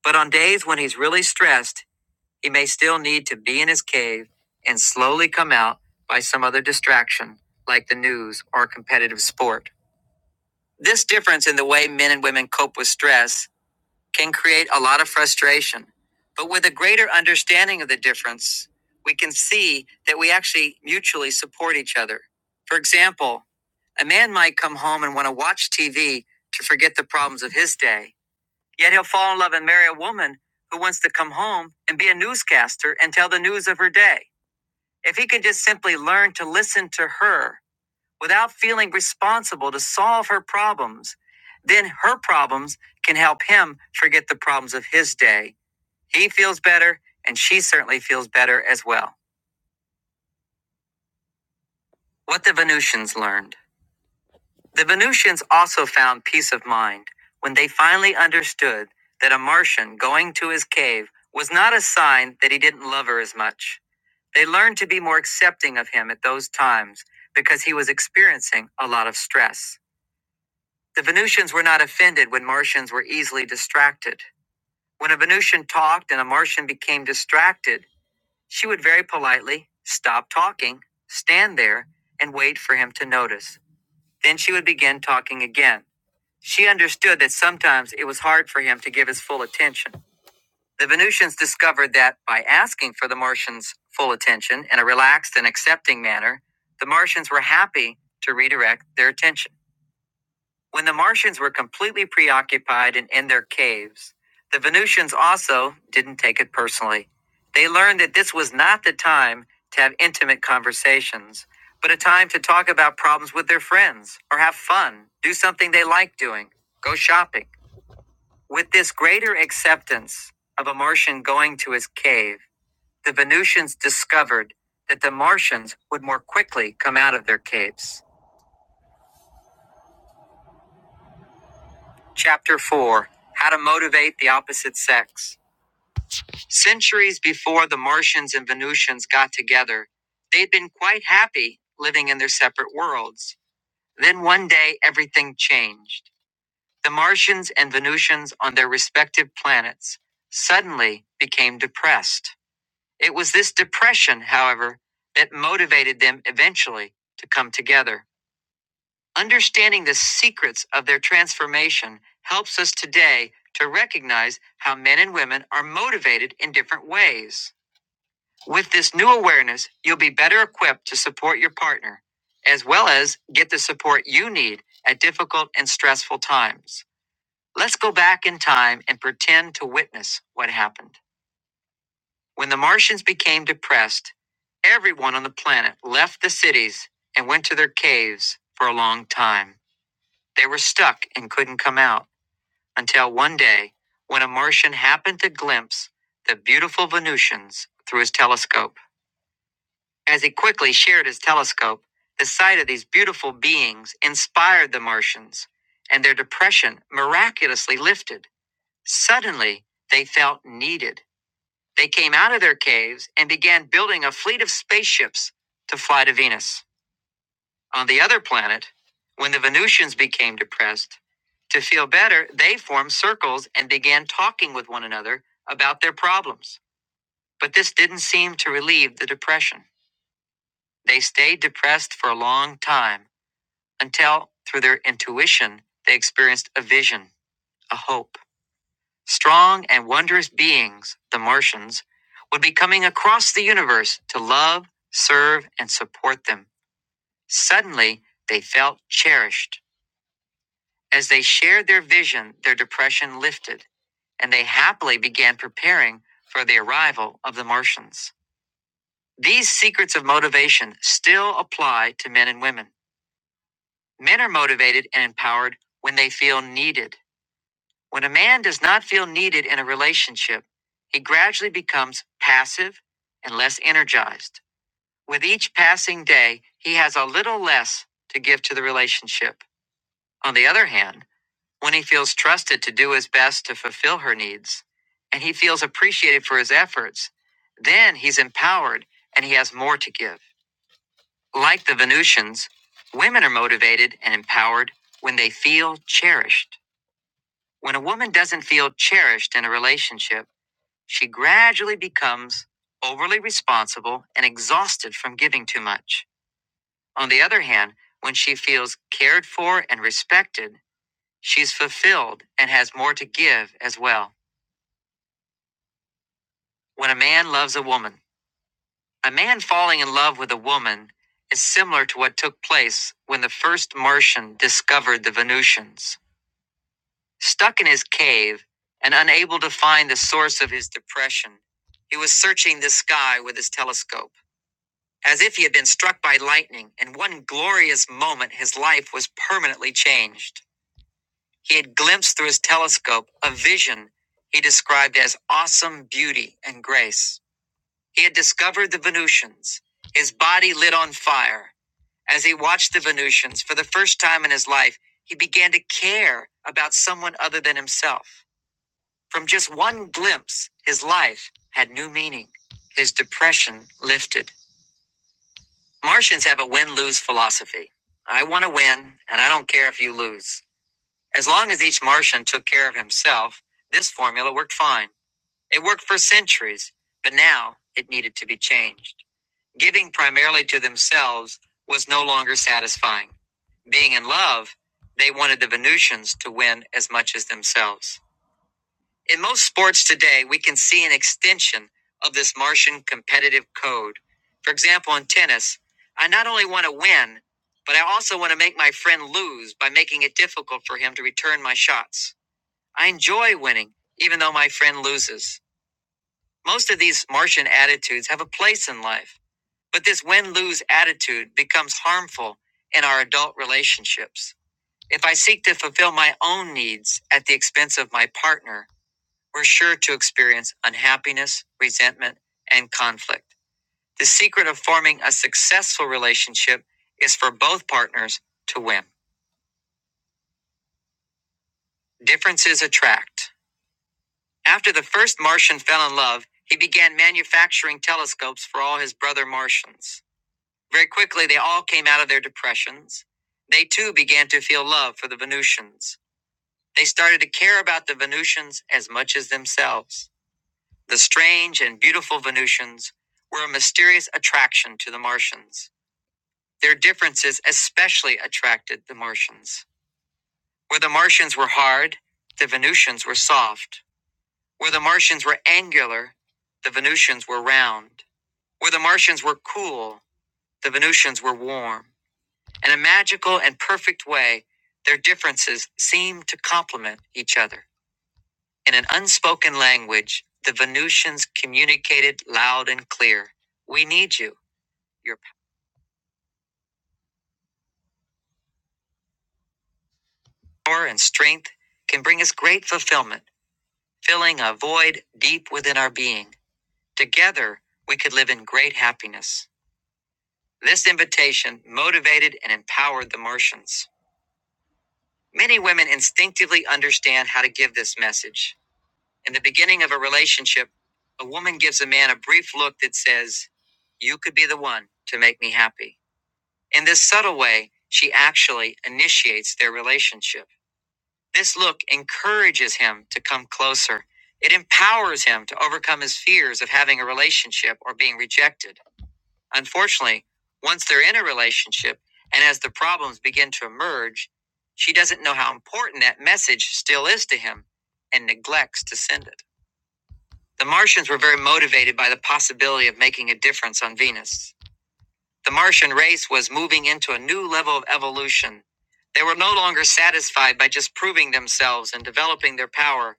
But on days when he's really stressed, he may still need to be in his cave and slowly come out by some other distraction, like the news or competitive sport. This difference in the way men and women cope with stress can create a lot of frustration. But with a greater understanding of the difference, we can see that we actually mutually support each other. For example, a man might come home and want to watch TV to forget the problems of his day, yet he'll fall in love and marry a woman who wants to come home and be a newscaster and tell the news of her day. If he can just simply learn to listen to her without feeling responsible to solve her problems, then her problems can help him forget the problems of his day. He feels better, and she certainly feels better as well. What the Venusians learned The Venusians also found peace of mind when they finally understood that a Martian going to his cave was not a sign that he didn't love her as much. They learned to be more accepting of him at those times because he was experiencing a lot of stress. The Venusians were not offended when Martians were easily distracted. When a Venusian talked and a Martian became distracted, she would very politely stop talking, stand there, and wait for him to notice. Then she would begin talking again. She understood that sometimes it was hard for him to give his full attention. The Venusians discovered that by asking for the Martians' full attention in a relaxed and accepting manner, the Martians were happy to redirect their attention. When the Martians were completely preoccupied and in their caves, the Venusians also didn't take it personally. They learned that this was not the time to have intimate conversations, but a time to talk about problems with their friends or have fun, do something they like doing, go shopping. With this greater acceptance of a Martian going to his cave, the Venusians discovered that the Martians would more quickly come out of their caves. Chapter 4 How to Motivate the Opposite Sex Centuries before the Martians and Venusians got together, they'd been quite happy living in their separate worlds. Then one day, everything changed. The Martians and Venusians on their respective planets suddenly became depressed. It was this depression, however, that motivated them eventually to come together. Understanding the secrets of their transformation helps us today to recognize how men and women are motivated in different ways. With this new awareness, you'll be better equipped to support your partner, as well as get the support you need at difficult and stressful times. Let's go back in time and pretend to witness what happened. When the Martians became depressed, everyone on the planet left the cities and went to their caves for a long time. They were stuck and couldn't come out until one day when a Martian happened to glimpse the beautiful Venusians through his telescope. As he quickly shared his telescope, the sight of these beautiful beings inspired the Martians, and their depression miraculously lifted. Suddenly, they felt needed. They came out of their caves and began building a fleet of spaceships to fly to Venus. On the other planet, when the Venusians became depressed, to feel better, they formed circles and began talking with one another about their problems. But this didn't seem to relieve the depression. They stayed depressed for a long time until, through their intuition, they experienced a vision, a hope. Strong and wondrous beings, the Martians, would be coming across the universe to love, serve, and support them. Suddenly, they felt cherished. As they shared their vision, their depression lifted, and they happily began preparing for the arrival of the Martians. These secrets of motivation still apply to men and women. Men are motivated and empowered when they feel needed. When a man does not feel needed in a relationship, he gradually becomes passive and less energized. With each passing day, he has a little less to give to the relationship. On the other hand, when he feels trusted to do his best to fulfill her needs, and he feels appreciated for his efforts, then he's empowered and he has more to give. Like the Venusians, women are motivated and empowered when they feel cherished. When a woman doesn't feel cherished in a relationship, she gradually becomes overly responsible and exhausted from giving too much. On the other hand, when she feels cared for and respected, she's fulfilled and has more to give as well. When a man loves a woman, a man falling in love with a woman is similar to what took place when the first Martian discovered the Venusians. Stuck in his cave and unable to find the source of his depression, he was searching the sky with his telescope, as if he had been struck by lightning. In one glorious moment, his life was permanently changed. He had glimpsed through his telescope a vision he described as awesome beauty and grace. He had discovered the Venusians. His body lit on fire. As he watched the Venusians for the first time in his life, he began to care about someone other than himself. From just one glimpse, his life had new meaning. His depression lifted. Martians have a win lose philosophy. I want to win, and I don't care if you lose. As long as each Martian took care of himself, this formula worked fine. It worked for centuries, but now it needed to be changed. Giving primarily to themselves was no longer satisfying. Being in love, they wanted the Venusians to win as much as themselves. In most sports today, we can see an extension of this Martian competitive code. For example, in tennis, I not only want to win, but I also want to make my friend lose by making it difficult for him to return my shots. I enjoy winning, even though my friend loses. Most of these Martian attitudes have a place in life, but this win lose attitude becomes harmful in our adult relationships. If I seek to fulfill my own needs at the expense of my partner, we're sure to experience unhappiness, resentment, and conflict. The secret of forming a successful relationship is for both partners to win. Differences attract. After the first Martian fell in love, he began manufacturing telescopes for all his brother Martians. Very quickly, they all came out of their depressions. They too began to feel love for the Venusians. They started to care about the Venusians as much as themselves. The strange and beautiful Venusians were a mysterious attraction to the Martians. Their differences especially attracted the Martians. Where the Martians were hard, the Venusians were soft. Where the Martians were angular, the Venusians were round. Where the Martians were cool, the Venusians were warm. In a magical and perfect way, their differences seemed to complement each other. In an unspoken language, the Venusians communicated loud and clear We need you. Your power and strength can bring us great fulfillment, filling a void deep within our being. Together, we could live in great happiness. This invitation motivated and empowered the Martians. Many women instinctively understand how to give this message. In the beginning of a relationship, a woman gives a man a brief look that says, You could be the one to make me happy. In this subtle way, she actually initiates their relationship. This look encourages him to come closer. It empowers him to overcome his fears of having a relationship or being rejected. Unfortunately, once they're in a relationship and as the problems begin to emerge, she doesn't know how important that message still is to him and neglects to send it. The Martians were very motivated by the possibility of making a difference on Venus. The Martian race was moving into a new level of evolution. They were no longer satisfied by just proving themselves and developing their power.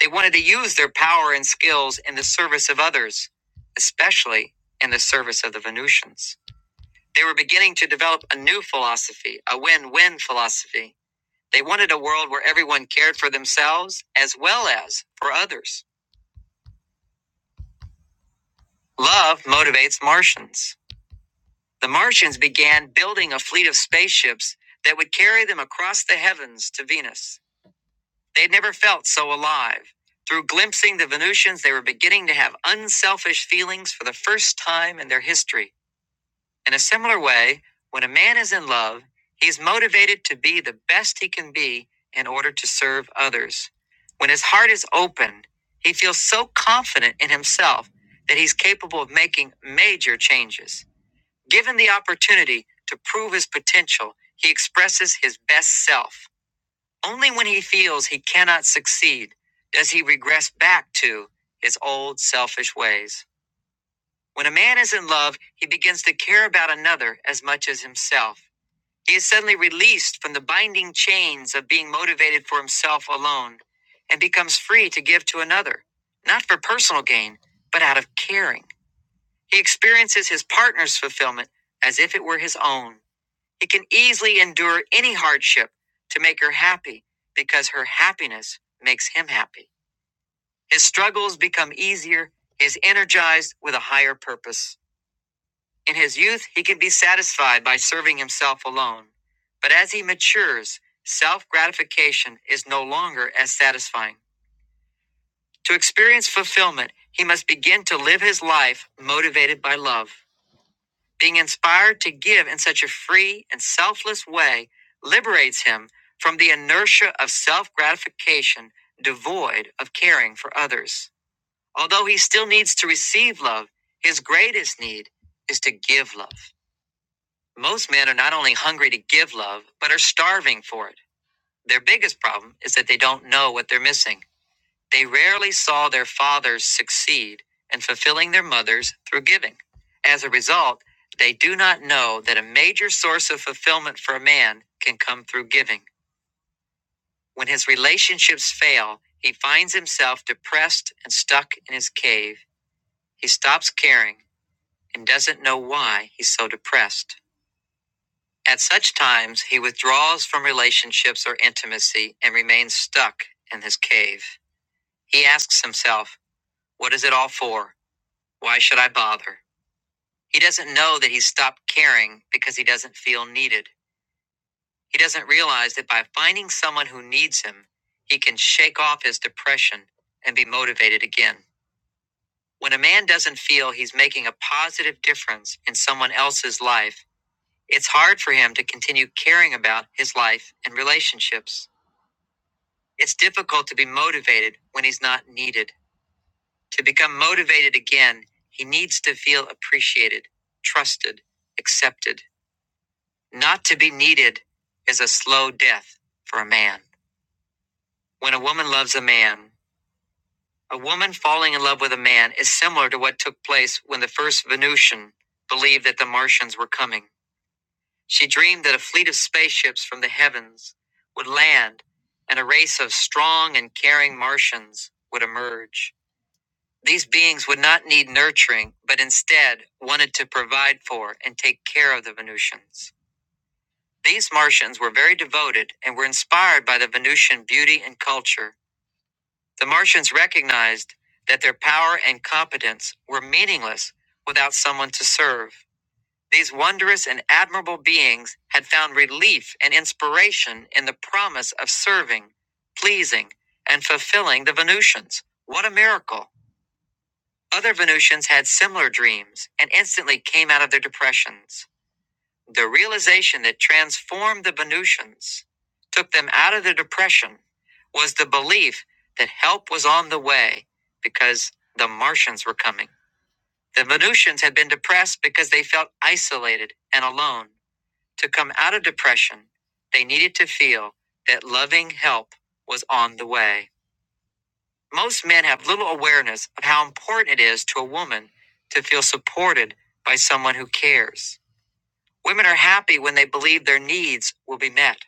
They wanted to use their power and skills in the service of others, especially in the service of the Venusians. They were beginning to develop a new philosophy, a win win philosophy. They wanted a world where everyone cared for themselves as well as for others. Love motivates Martians. The Martians began building a fleet of spaceships that would carry them across the heavens to Venus. They'd never felt so alive. Through glimpsing the Venusians, they were beginning to have unselfish feelings for the first time in their history. In a similar way, when a man is in love, he's motivated to be the best he can be in order to serve others. When his heart is open, he feels so confident in himself that he's capable of making major changes. Given the opportunity to prove his potential, he expresses his best self. Only when he feels he cannot succeed does he regress back to his old selfish ways. When a man is in love, he begins to care about another as much as himself. He is suddenly released from the binding chains of being motivated for himself alone and becomes free to give to another, not for personal gain, but out of caring. He experiences his partner's fulfillment as if it were his own. It can easily endure any hardship to make her happy because her happiness makes him happy. His struggles become easier. He is energized with a higher purpose. In his youth, he can be satisfied by serving himself alone. But as he matures, self gratification is no longer as satisfying. To experience fulfillment, he must begin to live his life motivated by love. Being inspired to give in such a free and selfless way liberates him from the inertia of self gratification devoid of caring for others. Although he still needs to receive love, his greatest need is to give love. Most men are not only hungry to give love, but are starving for it. Their biggest problem is that they don't know what they're missing. They rarely saw their fathers succeed in fulfilling their mothers through giving. As a result, they do not know that a major source of fulfillment for a man can come through giving. When his relationships fail, he finds himself depressed and stuck in his cave. He stops caring and doesn't know why he's so depressed. At such times, he withdraws from relationships or intimacy and remains stuck in his cave. He asks himself, What is it all for? Why should I bother? He doesn't know that he's stopped caring because he doesn't feel needed. He doesn't realize that by finding someone who needs him, he can shake off his depression and be motivated again. When a man doesn't feel he's making a positive difference in someone else's life, it's hard for him to continue caring about his life and relationships. It's difficult to be motivated when he's not needed. To become motivated again, he needs to feel appreciated, trusted, accepted. Not to be needed is a slow death for a man. When a woman loves a man, a woman falling in love with a man is similar to what took place when the first Venusian believed that the Martians were coming. She dreamed that a fleet of spaceships from the heavens would land and a race of strong and caring Martians would emerge. These beings would not need nurturing, but instead wanted to provide for and take care of the Venusians. These Martians were very devoted and were inspired by the Venusian beauty and culture. The Martians recognized that their power and competence were meaningless without someone to serve. These wondrous and admirable beings had found relief and inspiration in the promise of serving, pleasing, and fulfilling the Venusians. What a miracle! Other Venusians had similar dreams and instantly came out of their depressions. The realization that transformed the Venusians, took them out of the depression, was the belief that help was on the way because the Martians were coming. The Venusians had been depressed because they felt isolated and alone. To come out of depression, they needed to feel that loving help was on the way. Most men have little awareness of how important it is to a woman to feel supported by someone who cares. Women are happy when they believe their needs will be met.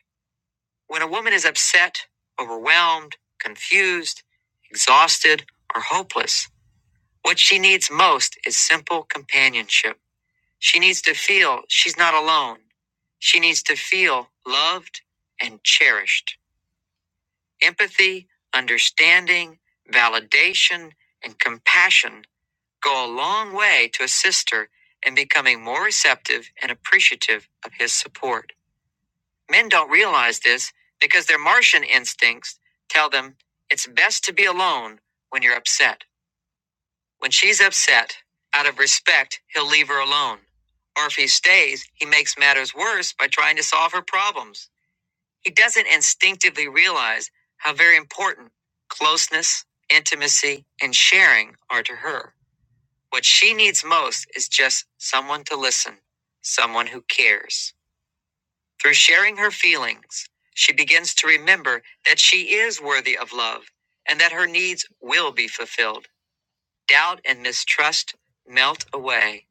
When a woman is upset, overwhelmed, confused, exhausted, or hopeless, what she needs most is simple companionship. She needs to feel she's not alone. She needs to feel loved and cherished. Empathy, understanding, validation, and compassion go a long way to assist her in becoming more receptive and appreciative of his support. Men don't realize this because their Martian instincts tell them it's best to be alone when you're upset. When she's upset, out of respect, he'll leave her alone. Or if he stays, he makes matters worse by trying to solve her problems. He doesn't instinctively realize how very important closeness, intimacy, and sharing are to her. What she needs most is just someone to listen, someone who cares. Through sharing her feelings, she begins to remember that she is worthy of love and that her needs will be fulfilled. Doubt and mistrust melt away.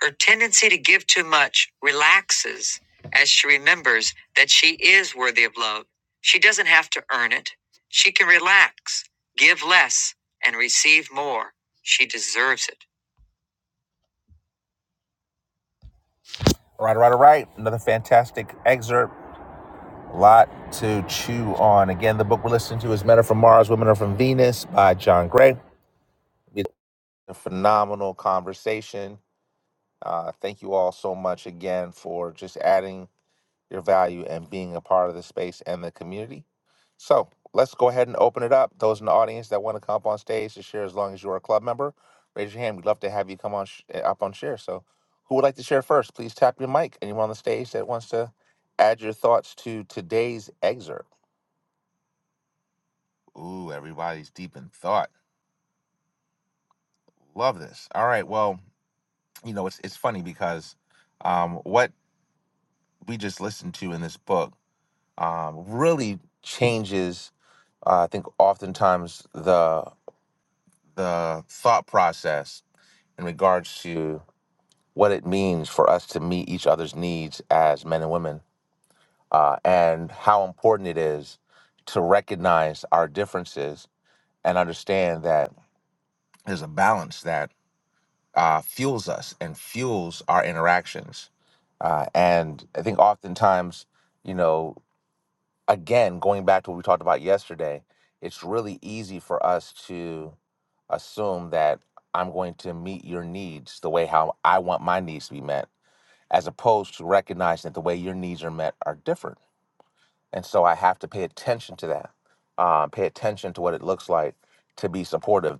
Her tendency to give too much relaxes as she remembers that she is worthy of love. She doesn't have to earn it. She can relax, give less, and receive more. She deserves it. All Right, all right, all right. Another fantastic excerpt A lot to chew on. Again, the book we're listening to is Men Are From Mars, Women Are From Venus by John Gray. It's a phenomenal conversation. Uh, thank you all so much again for just adding your value and being a part of the space and the community. So let's go ahead and open it up. Those in the audience that want to come up on stage to share as long as you're a club member, raise your hand. We'd love to have you come on sh- eh, up on share. So who would like to share first? Please tap your mic. Anyone on the stage that wants to add your thoughts to today's excerpt? Ooh, everybody's deep in thought. Love this. All right. Well, you know, it's it's funny because um, what we just listened to in this book um, really changes. Uh, I think oftentimes the the thought process in regards to what it means for us to meet each other's needs as men and women, uh, and how important it is to recognize our differences and understand that there's a balance that. uh, fuels us and fuels our interactions. Uh, and I think oftentimes, you know, again, going back to what we talked about yesterday, it's really easy for us to assume that I'm going to meet your needs the way how I want my needs to be met, as opposed to recognizing that the way your needs are met are different. And so I have to pay attention to that, uh, pay attention to what it looks like to be supportive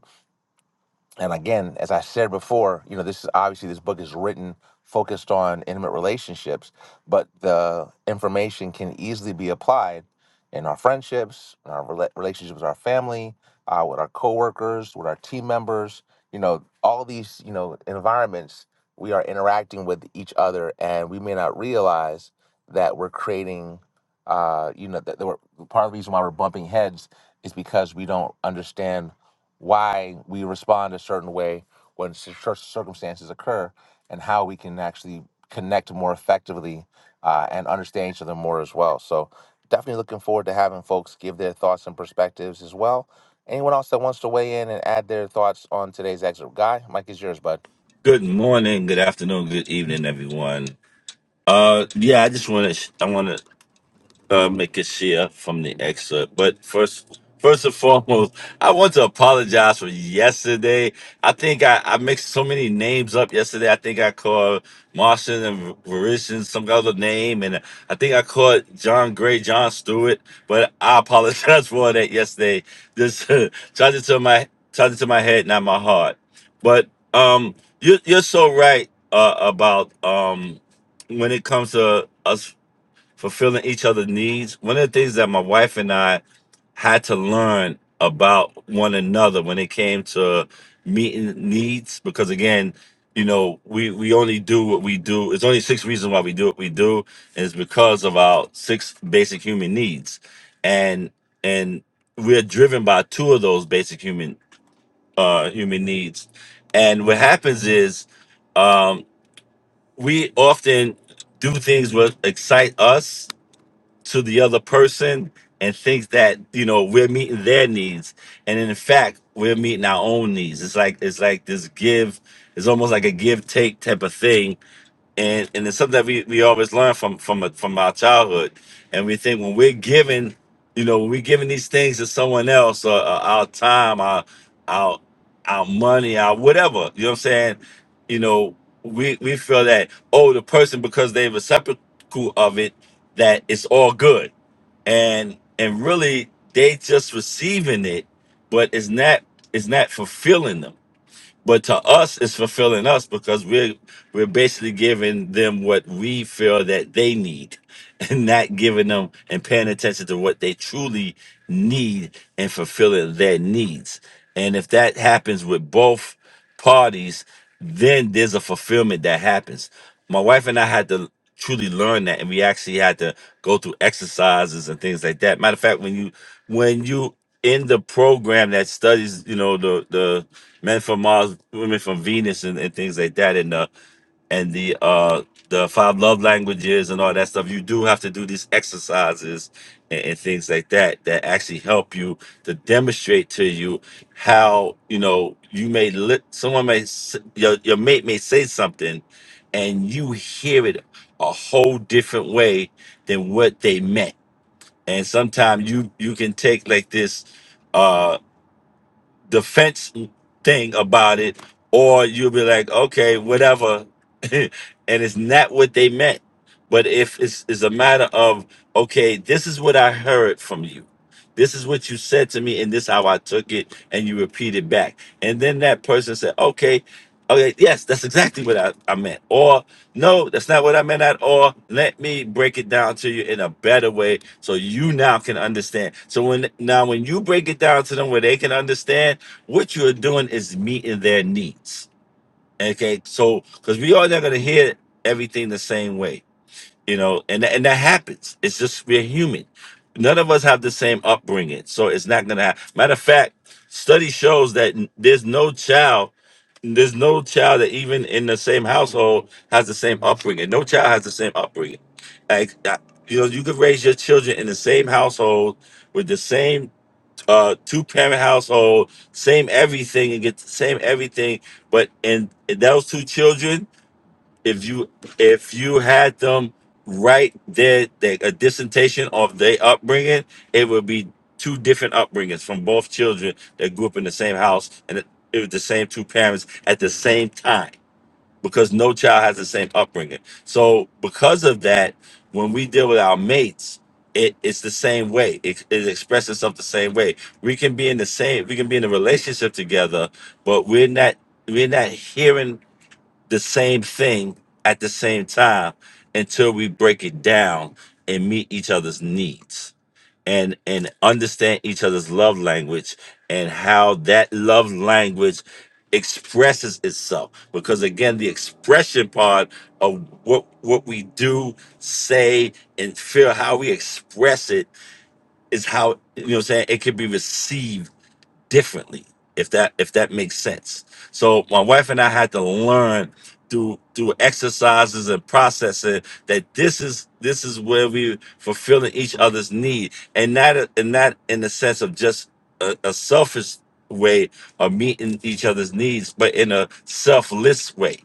and again, as I said before, you know, this is obviously this book is written focused on intimate relationships, but the information can easily be applied in our friendships, in our rela- relationships with our family, uh, with our coworkers, with our team members. You know, all these you know environments we are interacting with each other, and we may not realize that we're creating. Uh, you know, that that we're, part of the reason why we're bumping heads is because we don't understand why we respond a certain way when cir- circumstances occur and how we can actually connect more effectively uh, and understand each other more as well. So, definitely looking forward to having folks give their thoughts and perspectives as well. Anyone else that wants to weigh in and add their thoughts on today's excerpt? Guy, Mike is yours, bud. Good morning, good afternoon, good evening, everyone. Uh, yeah, I just want to, I want to uh, make a share from the excerpt. But first, first and foremost, I want to apologize for yesterday. I think I, I mixed so many names up yesterday. I think I called Martian and Verisian some other name, and I think I called John Gray, John Stewart. But I apologize for that yesterday. Just charge it to my charge it to my head, not my heart. But um, you, you're so right uh, about um, when it comes to us fulfilling each other's needs. One of the things that my wife and I had to learn about one another when it came to meeting needs, because again, you know, we we only do what we do. It's only six reasons why we do what we do, and it's because of our six basic human needs, and and we're driven by two of those basic human uh human needs, and what happens is um we often do things that excite us to the other person and thinks that you know we're meeting their needs and in fact we're meeting our own needs it's like it's like this give it's almost like a give take type of thing and and it's something that we, we always learn from from from our childhood, and we think when we're giving, you know, when we're giving these things to someone else, uh, uh, our time, our our our money, our whatever, you know what I'm saying? You know, we we feel that oh, the person because they're reciprocal of it, that it's all good, and and really they just receiving it, but it's not it's not fulfilling them but to us, it's fulfilling us because we're we're basically giving them what we feel that they need, and not giving them and paying attention to what they truly need and fulfilling their needs. And if that happens with both parties, then there's a fulfillment that happens. My wife and I had to truly learn that, and we actually had to go through exercises and things like that. Matter of fact, when you when you in the program that studies, you know the the men from Mars, women from Venus, and, and things like that, and the and the uh the five love languages and all that stuff. You do have to do these exercises and, and things like that that actually help you to demonstrate to you how you know you may lit someone may s- your your mate may say something, and you hear it a whole different way than what they meant. And sometimes you you can take like this uh, defense thing about it, or you'll be like, okay, whatever, and it's not what they meant. But if it's, it's a matter of, okay, this is what I heard from you. This is what you said to me, and this how I took it, and you repeat it back. And then that person said, okay, okay, yes, that's exactly what I, I meant. Or, no, that's not what I meant at all. Let me break it down to you in a better way so you now can understand. So when now when you break it down to them where they can understand, what you're doing is meeting their needs. Okay, so because we are not going to hear everything the same way, you know, and and that happens. It's just we're human. None of us have the same upbringing, so it's not going to happen. Matter of fact, study shows that n- there's no child, there's no child that even in the same household has the same upbringing. No child has the same upbringing. Like I- you know, you could raise your children in the same household with the same uh two parent household, same everything and get the same everything. But in, in those two children, if you if you had them write their, their a dissertation of their upbringing, it would be two different upbringings from both children that grew up in the same house and it, it was the same two parents at the same time because no child has the same upbringing. So because of that, when we deal with our mates, it, it's the same way. It, it expresses itself the same way. We can be in the same, we can be in a relationship together, but we're not we're not hearing the same thing at the same time until we break it down and meet each other's needs and and understand each other's love language and how that love language expresses itself because again the expression part of what what we do say and feel how we express it is how you know what I'm saying it can be received differently if that if that makes sense so my wife and i had to learn through through exercises and processing that this is this is where we fulfilling each other's need and not a- and not in the sense of just a, a selfish way of meeting each other's needs but in a selfless way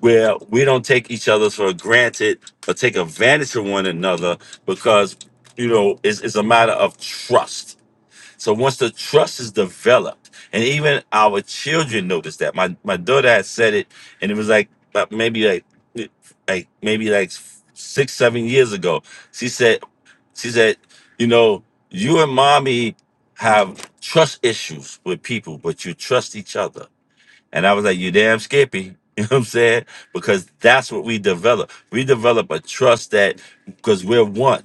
where we don't take each other for granted or take advantage of one another because you know it's, it's a matter of trust so once the trust is developed, and even our children notice that. My my daughter had said it, and it was like uh, maybe like like maybe like six seven years ago. She said she said you know you and mommy have trust issues with people, but you trust each other. And I was like, you damn skippy. You know what I'm saying? Because that's what we develop. We develop a trust that because we're one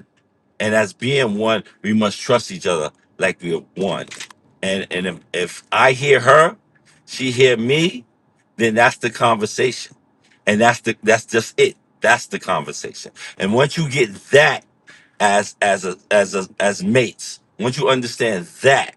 and as being one, we must trust each other like we are one. And and if, if I hear her, she hear me, then that's the conversation, and that's the that's just it. That's the conversation. And once you get that as as a as a as mates, once you understand that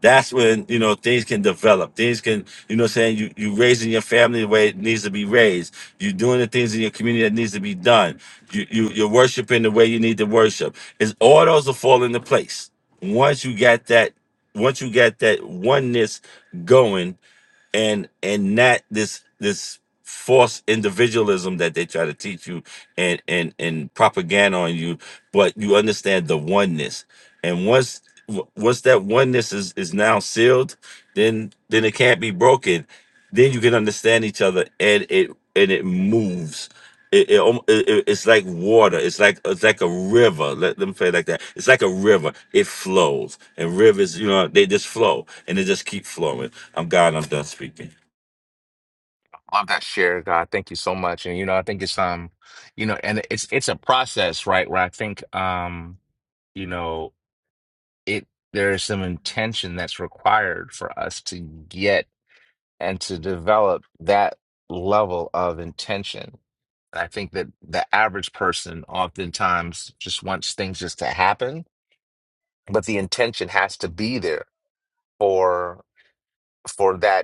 that's when you know things can develop things can you know what I'm saying you you raising your family the way it needs to be raised you're doing the things in your community that needs to be done you, you you're worshiping the way you need to worship it's all those will fall into place once you get that once you get that oneness going and and not this this false individualism that they try to teach you and and and propaganda on you but you understand the oneness and once w- once that oneness is is now sealed then then it can't be broken then you can understand each other and it and it moves it, it, almo- it- it- it's like water. It's like it's like a river. Let them say it like that. It's like a river. It flows, and rivers, you know, they just flow, and they just keep flowing. I'm God. I'm done speaking. Love that share, God. Thank you so much. And you know, I think it's um, you know, and it's it's a process, right? Where I think um, you know. it there is some intention that's required for us to get and to develop that level of intention. And I think that the average person oftentimes just wants things just to happen, but the intention has to be there for for that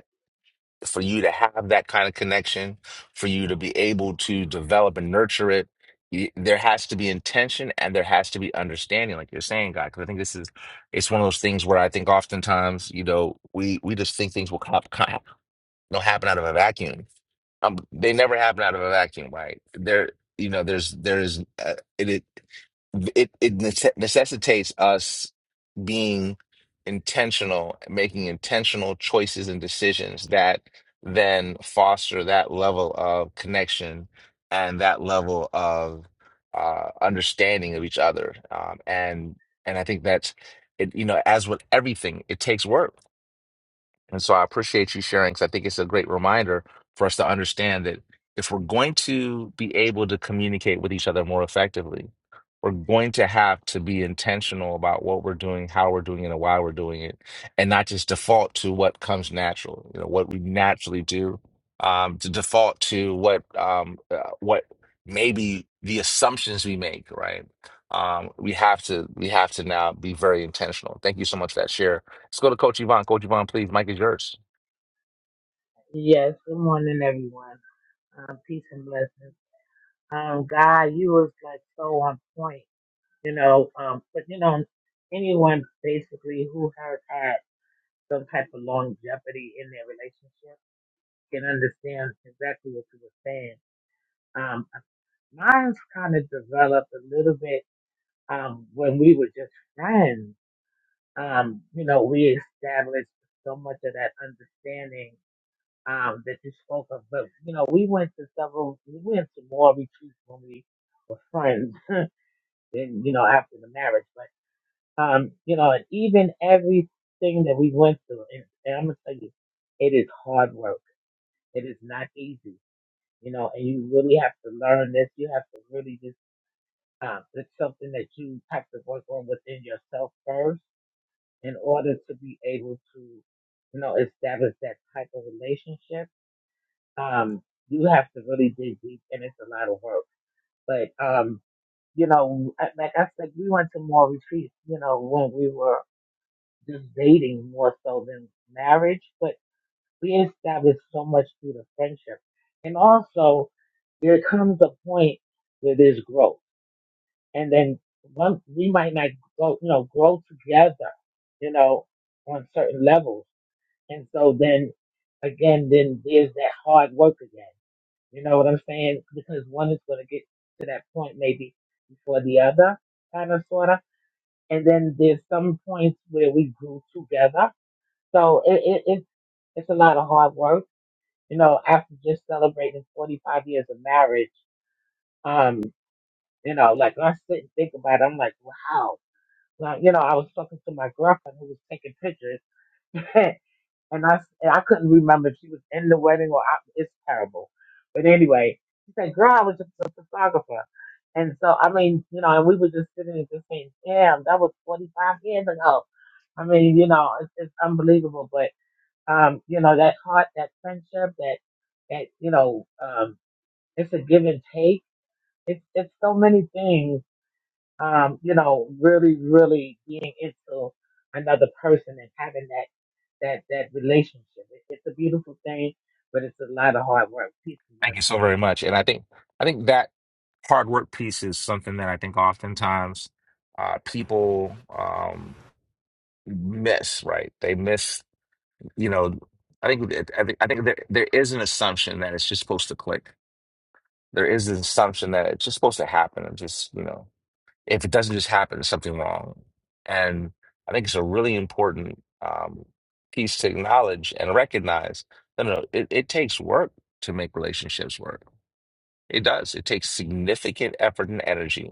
for you to have that kind of connection, for you to be able to develop and nurture it, y- there has to be intention and there has to be understanding, like you're saying, guy. Because I think this is, it's one of those things where I think oftentimes, you know, we we just think things will cop, cop, you know, happen out of a vacuum um, they never happen out of a vacuum, right? There, you know, there's there's uh, it it it, it nece- necessitates us being intentional, making intentional choices and decisions that then foster that level of connection and that level of uh, understanding of each other. Um, and and I think that's it, you know, as with everything, it takes work and so I appreciate you sharing because I think it's a great reminder for us to understand that if we're going to be able to communicate with each other more effectively, we're going to have to be intentional about what we're doing, how we're doing it, and why we're doing it, and not just default to what comes natural, you know, what we naturally do, um, to default to what um, uh, what maybe the assumptions we make, right? Um, we have to we have to now be very intentional. Thank you so much for that share Let's go to Coach Yvonne. Coach Yvonne, please, Mike is yours. Yes, good morning, everyone. Um, peace and blessings. Um, God, you was like so on point, you know. Um, but you know, anyone basically who has had uh, some type of longevity in their relationship can understand exactly what you were saying. Um, mine's kind of developed a little bit um, when we were just friends. Um, you know, we established so much of that understanding um, that you spoke of. But you know, we went to several, we went to more retreats when we were friends, and you know, after the marriage. But um, you know, and even everything that we went through, and, and I'm gonna tell you, it is hard work. It is not easy, you know, and you really have to learn this. You have to really just, um, it's something that you have to work on within yourself first in order to be able to, you know, establish that type of relationship um, you have to really dig deep, and it's a lot of work. But um, you know, I- like I said, we went to more retreats, you know, when we were just dating more so than marriage. But we established so much through the friendship, and also there comes a point where there's growth, and then one we might not go, you know, grow together, you know, on certain levels, and so then again, then there's that hard work again you know what I'm saying? Because one is going to get to that point maybe before the other, kind of, sort of. And then there's some points where we grew together. So it, it, it's, it's a lot of hard work. You know, after just celebrating 45 years of marriage, um, you know, like when I sit and think about it, I'm like, wow. Now, you know, I was talking to my girlfriend who was taking pictures and I and I couldn't remember if she was in the wedding or out. It's terrible. But anyway, she said, "Girl, I was just a photographer," and so I mean, you know, and we were just sitting and just saying, "Damn, that was 45 years ago." I mean, you know, it's, it's unbelievable. But um, you know, that heart, that friendship, that that you know, um, it's a give and take. It's it's so many things um, you know, really, really being into another person and having that that that relationship. It, it's a beautiful thing, but it's a lot of hard work. Peace and Thank blessings. you so very much. And I think I think that hard work piece is something that I think oftentimes uh, people um, miss. Right? They miss. You know, I think it- I think I think there, there is an assumption that it's just supposed to click. There is an assumption that it's just supposed to happen. And just you know. if it doesn't just happen, there's something wrong. And I think it's a really important um, piece to acknowledge and recognize. No, no, no, it, it takes work to make relationships work. It does. It takes significant effort and energy.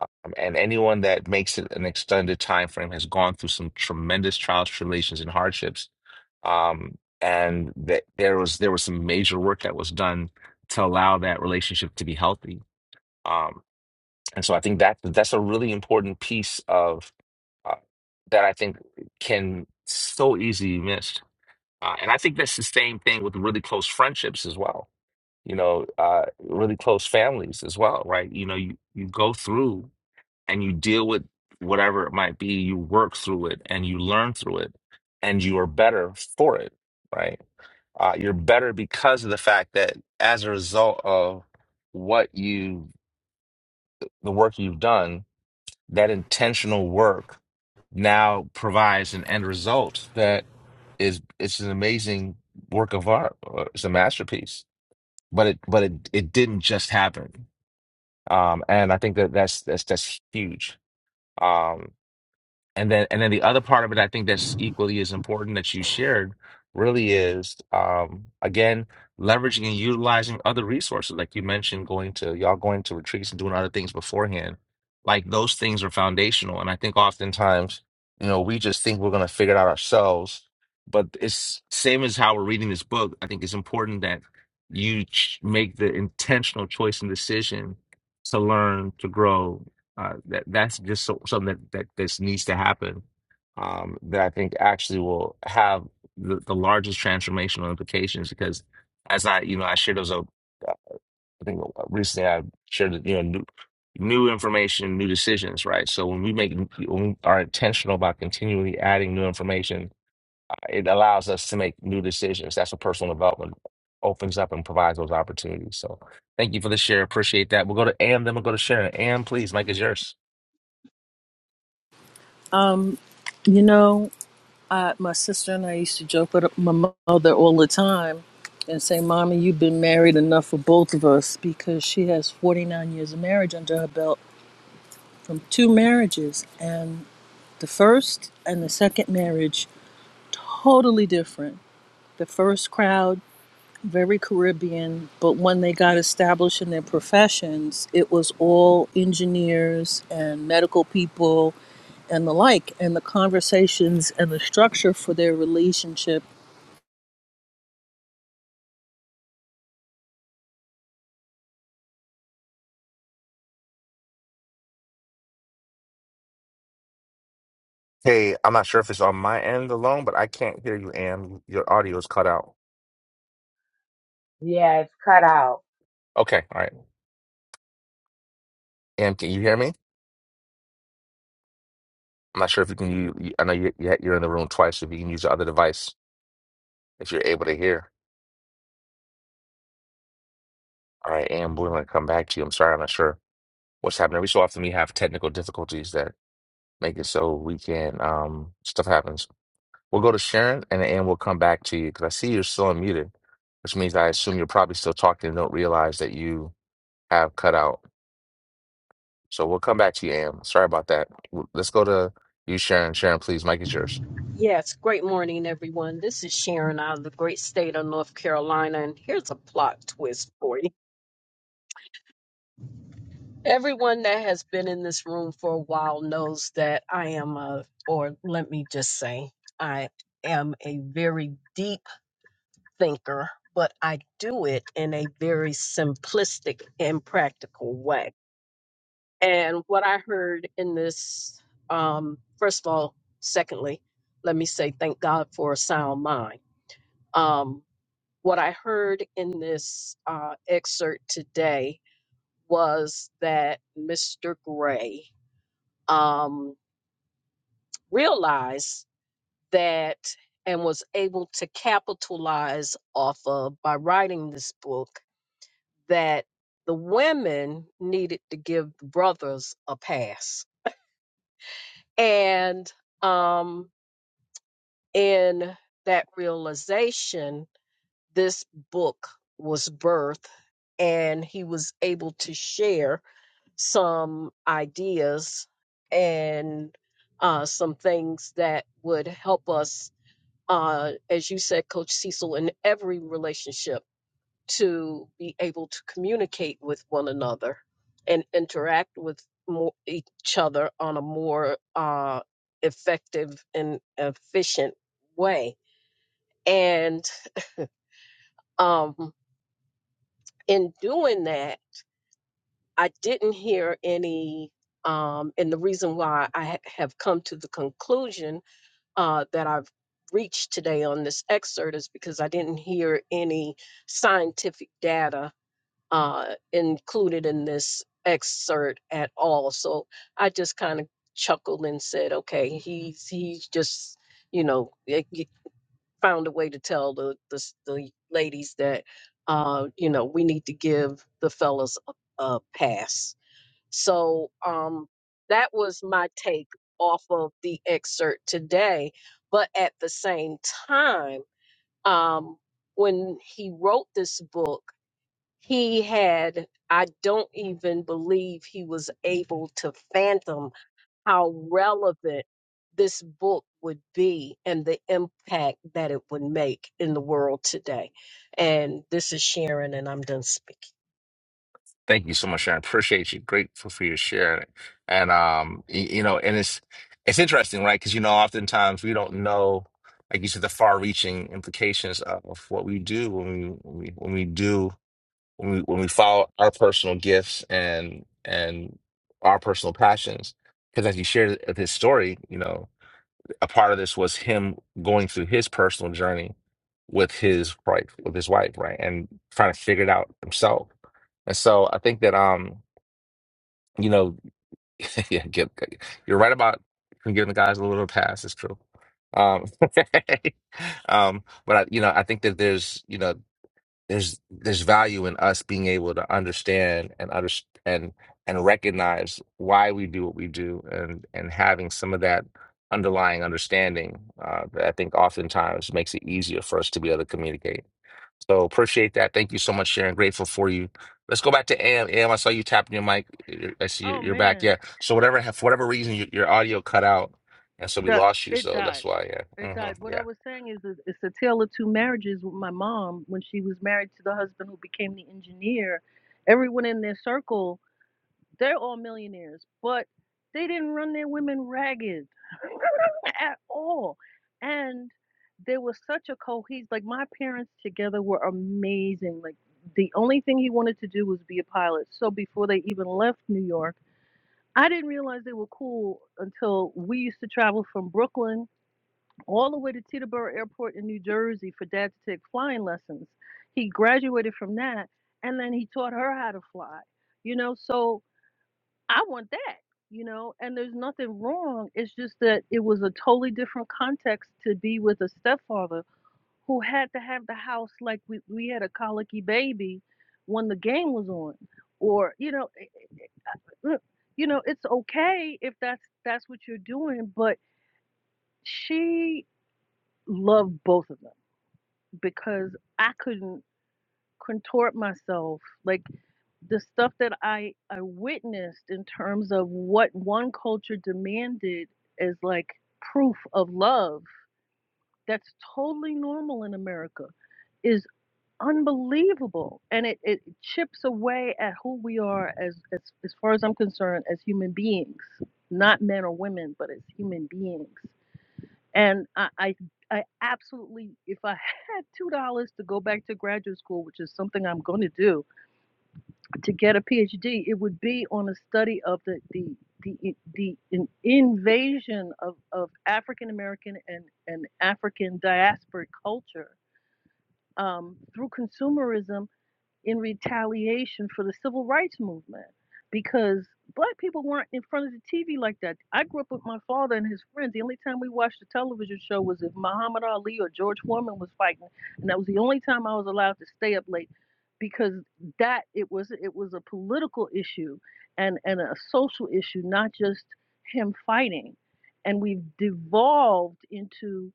Um, and anyone that makes it an extended time frame has gone through some tremendous trials, tribulations, and hardships. Um, and that there was there was some major work that was done to allow that relationship to be healthy. Um, and so I think that that's a really important piece of uh, that I think can so easily be missed. Uh, and I think that's the same thing with really close friendships as well. You know, uh, really close families as well, right? You know, you, you go through and you deal with whatever it might be, you work through it and you learn through it and you are better for it, right? Uh, you're better because of the fact that as a result of what you, the work you've done, that intentional work now provides an end result that is it's an amazing work of art or it's a masterpiece but it but it, it didn't just happen um and i think that that's that's that's huge Um, and then and then the other part of it i think that's equally as important that you shared really is um again leveraging and utilizing other resources like you mentioned going to y'all going to retreats and doing other things beforehand like those things are foundational and i think oftentimes you know we just think we're going to figure it out ourselves but it's same as how we're reading this book i think it's important that you ch- make the intentional choice and decision to learn to grow uh, that that's just so, something that, that this needs to happen. Um, that I think actually will have the, the largest transformational implications because as I you know I shared those uh, I think uh, recently I shared you know new, new information, new decisions, right? So when we make when we are intentional about continually adding new information, uh, it allows us to make new decisions. That's what personal development opens up and provides those opportunities. So thank you for the share. Appreciate that. We'll go to Am, then we'll go to Sharon. Am, please, Mike is yours. Um, you know, I, my sister and I used to joke with my mo- mother all the time and say, Mommy, you've been married enough for both of us because she has 49 years of marriage under her belt from two marriages. And the first and the second marriage, totally different. The first crowd, very Caribbean, but when they got established in their professions, it was all engineers and medical people and the like. And the conversations and the structure for their relationship Hey, I'm not sure if it's on my end alone, but I can't hear you, Am. Your audio is cut out. Yeah, it's cut out. Okay, all right. Am, can you hear me? I'm not sure if you can. You, you- I know you, you- you're in the room twice. If you can use the other device, if you're able to hear. All right, Am, we're going to come back to you. I'm sorry, I'm not sure what's happening. Every so often we have technical difficulties that make it so we can. Um, stuff happens. We'll go to Sharon, and then Am will come back to you because I see you're still unmuted, which means I assume you're probably still talking and don't realize that you have cut out. So we'll come back to you, Am. Sorry about that. W- Let's go to you, Sharon. Sharon, please, Mike is yours. Yes, great morning, everyone. This is Sharon out of the great state of North Carolina, and here's a plot twist for you. Everyone that has been in this room for a while knows that I am a, or let me just say, I am a very deep thinker, but I do it in a very simplistic and practical way. And what I heard in this, um, first of all, secondly, let me say thank God for a sound mind. Um, what I heard in this uh, excerpt today was that Mr. Gray um, realized that and was able to capitalize off of by writing this book that the women needed to give the brothers a pass. And um, in that realization, this book was birthed, and he was able to share some ideas and uh, some things that would help us, uh, as you said, Coach Cecil, in every relationship to be able to communicate with one another and interact with more, each other on a more uh, effective and efficient way. And um, in doing that, I didn't hear any, um, and the reason why I ha- have come to the conclusion uh, that I've reached today on this excerpt is because I didn't hear any scientific data uh, included in this excerpt at all. So I just kind of chuckled and said, "Okay, he's he's just, you know, eh, he found a way to tell the the, s- the ladies that." Uh, you know, we need to give the fellas a, a pass so um, that was my take off of the excerpt today. But at the same time, um, when he wrote this book, he had, I don't even believe he was able to fathom how relevant this book would be and the impact that it would make in the world today. And this is Sharon, and I'm done speaking. Thank you so much, Sharon. Appreciate you. Grateful for you sharing it. And um, y- you know, and it's it's interesting, right? Because you know, oftentimes we don't know, like you said, the far-reaching implications of of what we do when we when we, when we do when we when we follow our personal gifts and and our personal passions. Because as you shared this story, you know. a part of this was him going through his personal journey with his wife, with his wife, right, and trying to figure it out himself. And so I think that um, you know, yeah, get, you're right about giving the guys a little pass. It's true. Um, um, but I, you know, I think that there's, you know there's there's value in us being able to understand and under, and and recognize why we do what we do and and having some of that underlying understanding uh, that I think oftentimes makes it easier for us to be able to communicate. So appreciate that. Thank you so much, Sharon. Grateful for you. Let's go back to Am. Am, I saw you tapping your mic. You're- I see you're Oh you're back. man, Yeah. So whatever, for whatever reason, your, your audio cut out, and so we that lost you. it So that's died. why. It Yeah. died. hmm What I Yeah. was saying is, is it's a tale of two marriages with my mom when she was married to the husband who became the engineer. Everyone in their circle, they're all millionaires, but they didn't run their women ragged at all. And there was such a cohes like my parents together were amazing. Like the only thing he wanted to do was be a pilot. So before they even left New York I didn't realize they were cool until we used to travel from Brooklyn all the way to Teterboro Airport in New Jersey for dad to take flying lessons. He graduated from that and then he taught her how to fly. You know, so I want that, you know, and there's nothing wrong. It's just that it was a totally different context to be with a stepfather who had to have the house like we, we had a colicky baby when the game was on. Or, you know, look, you know, it's okay if that's that's what you're doing, but she loved both of them because I couldn't contort myself like the stuff that I I witnessed in terms of what one culture demanded as like proof of love that's totally normal in America is. unbelievable and it, it chips away at who we are as, as as far as i'm concerned as human beings not men or women but as human beings and i i, I absolutely if i had two dollars to go back to graduate school which is something i'm going to do to get a phd it would be on a study of the the the, the in- invasion of, of African American and, and African diasporic culture um, through consumerism in retaliation for the civil rights movement because black people weren't in front of the TV like that. I grew up with my father and his friends. The only time we watched a television show was if Muhammad Ali or George Foreman was fighting, and that was the only time I was allowed to stay up late because that it was it was a political issue and and a social issue, not just him fighting. And we've devolved into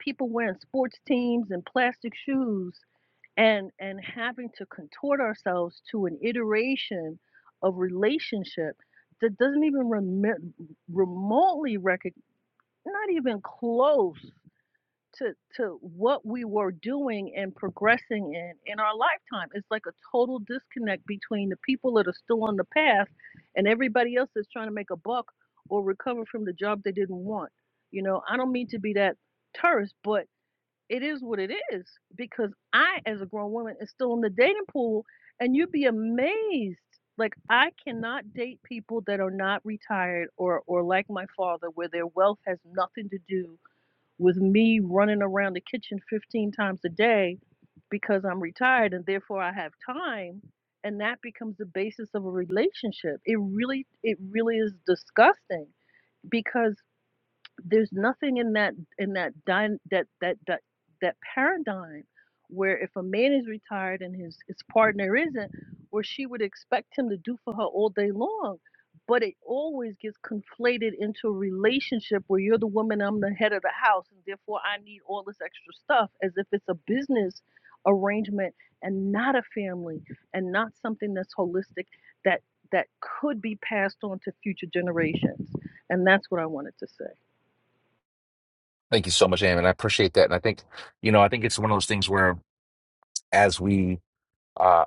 people wearing sports teams and plastic shoes and and having to contort ourselves to an iteration of relationship that doesn't even remi- remotely recognize not even close to to what we were doing and progressing in in our lifetime it's like a total disconnect between the people that are still on the path and everybody else that's trying to make a buck or recover from the job they didn't want you know i don't mean to be that terse but it is what it is because I, as a grown woman, is still in the dating pool, and you'd be amazed. Like I cannot date people that are not retired or or like my father, where their wealth has nothing to do with me running around the kitchen 15 times a day because I'm retired and therefore I have time and that becomes the basis of a relationship. It really it really is disgusting because there's nothing in that in that dyn- that that that that paradigm where if a man is retired and his his partner isn't, where she would expect him to do for her all day long. But it always gets conflated into a relationship where you're the woman, I'm the head of the house, and therefore I need all this extra stuff as if it's a business arrangement and not a family and not something that's holistic that that could be passed on to future generations. And that's what I wanted to say. Thank you so much, Am, and I appreciate that. And I think you know, I think it's one of those things where as we uh,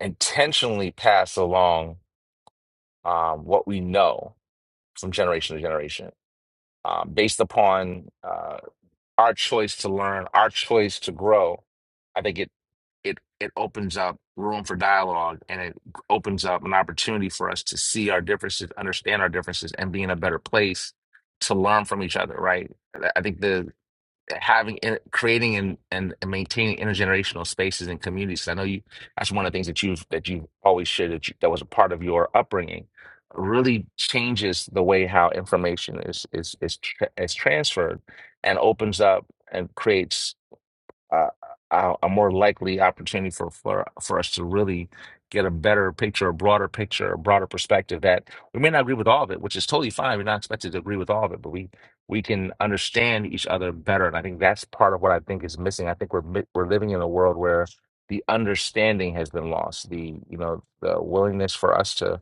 intentionally pass along um, what we know from generation to generation, um, based upon uh, our choice to learn, our choice to grow, I think it it it opens up room for dialogue, and it opens up an opportunity for us to see our differences, understand our differences, and be in a better place to learn from each other. Right? I I think the having in- creating and, and and maintaining intergenerational spaces and communities. I know you that's one of the things that you've that you always shared that you, that was a part of your upbringing. Really changes the way how information is is is tra- is transferred and opens up and creates a, a, a more likely opportunity for, for for us to really get a better picture, a broader picture, a broader perspective that we may not agree with all of it, which is totally fine. We're not expected to agree with all of it, but we we can understand each other better. And I think that's part of what I think is missing. I think we're mi- we're living in a world where the understanding has been lost. The you know the willingness for us to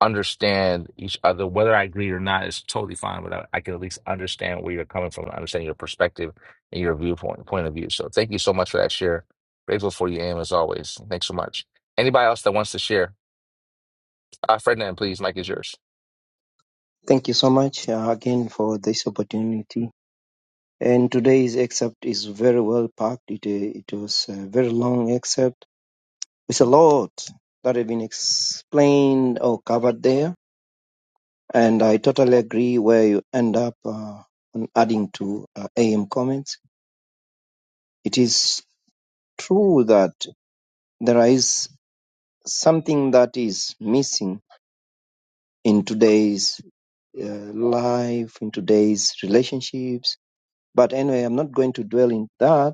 understand each other. Whether I agree or not is totally fine, but I, I can at least understand where you're coming from, understand your perspective and your viewpoint point of view. So thank you so much for that share. Grateful for you, Am, as always. Thanks so much. Anybody else that wants to share? Uh, Ferdinand, please, Mike is yours. Thank you so much uh, again for this opportunity. And today's excerpt is very well packed. It, uh, it was a very long excerpt It's a lot that have been explained or covered there, and I totally agree where you end up uh, on adding to uh, AM comments. It is true that there is something that is missing in today's uh, life, in today's relationships. But anyway, I'm not going to dwell in that.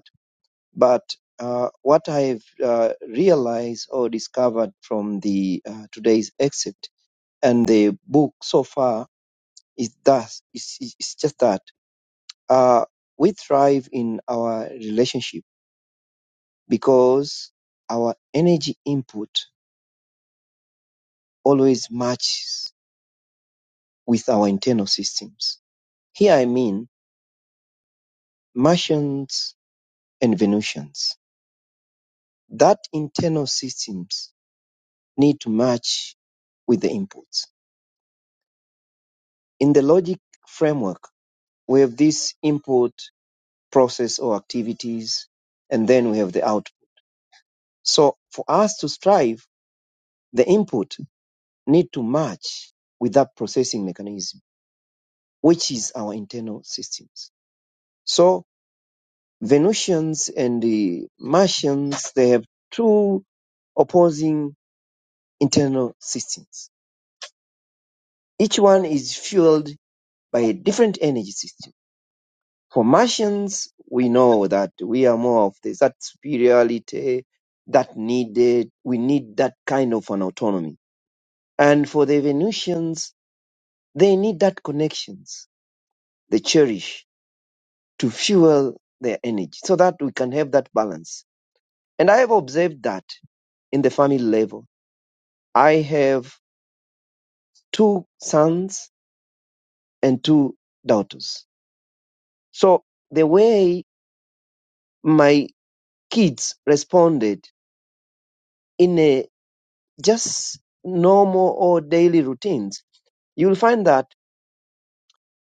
But uh, what I've uh, realized or discovered from the uh, today's excerpt and the book so far It's thus it's, it's it's just that uh, we thrive in our relationship because our energy input always matches with our internal systems. Here I mean Martians and Venusians. That internal systems need to match with the inputs. In the logic framework, we have this input process or activities, and then we have the output. So for us to strive, the input need to match with that processing mechanism, which is our internal systems. So Venusians and the Martians, they have two opposing internal systems. Each one is fueled by a different energy system. For Martians, we know that we are more of this, that superiority, that needed, we need that kind of an autonomy. And for the Venusians, they need that connections, they cherish to fuel their energy so that we can have that balance. And I have observed that in the family level. I have two sons and two daughters. So the way my kids responded in a just normal or daily routines, you'll find that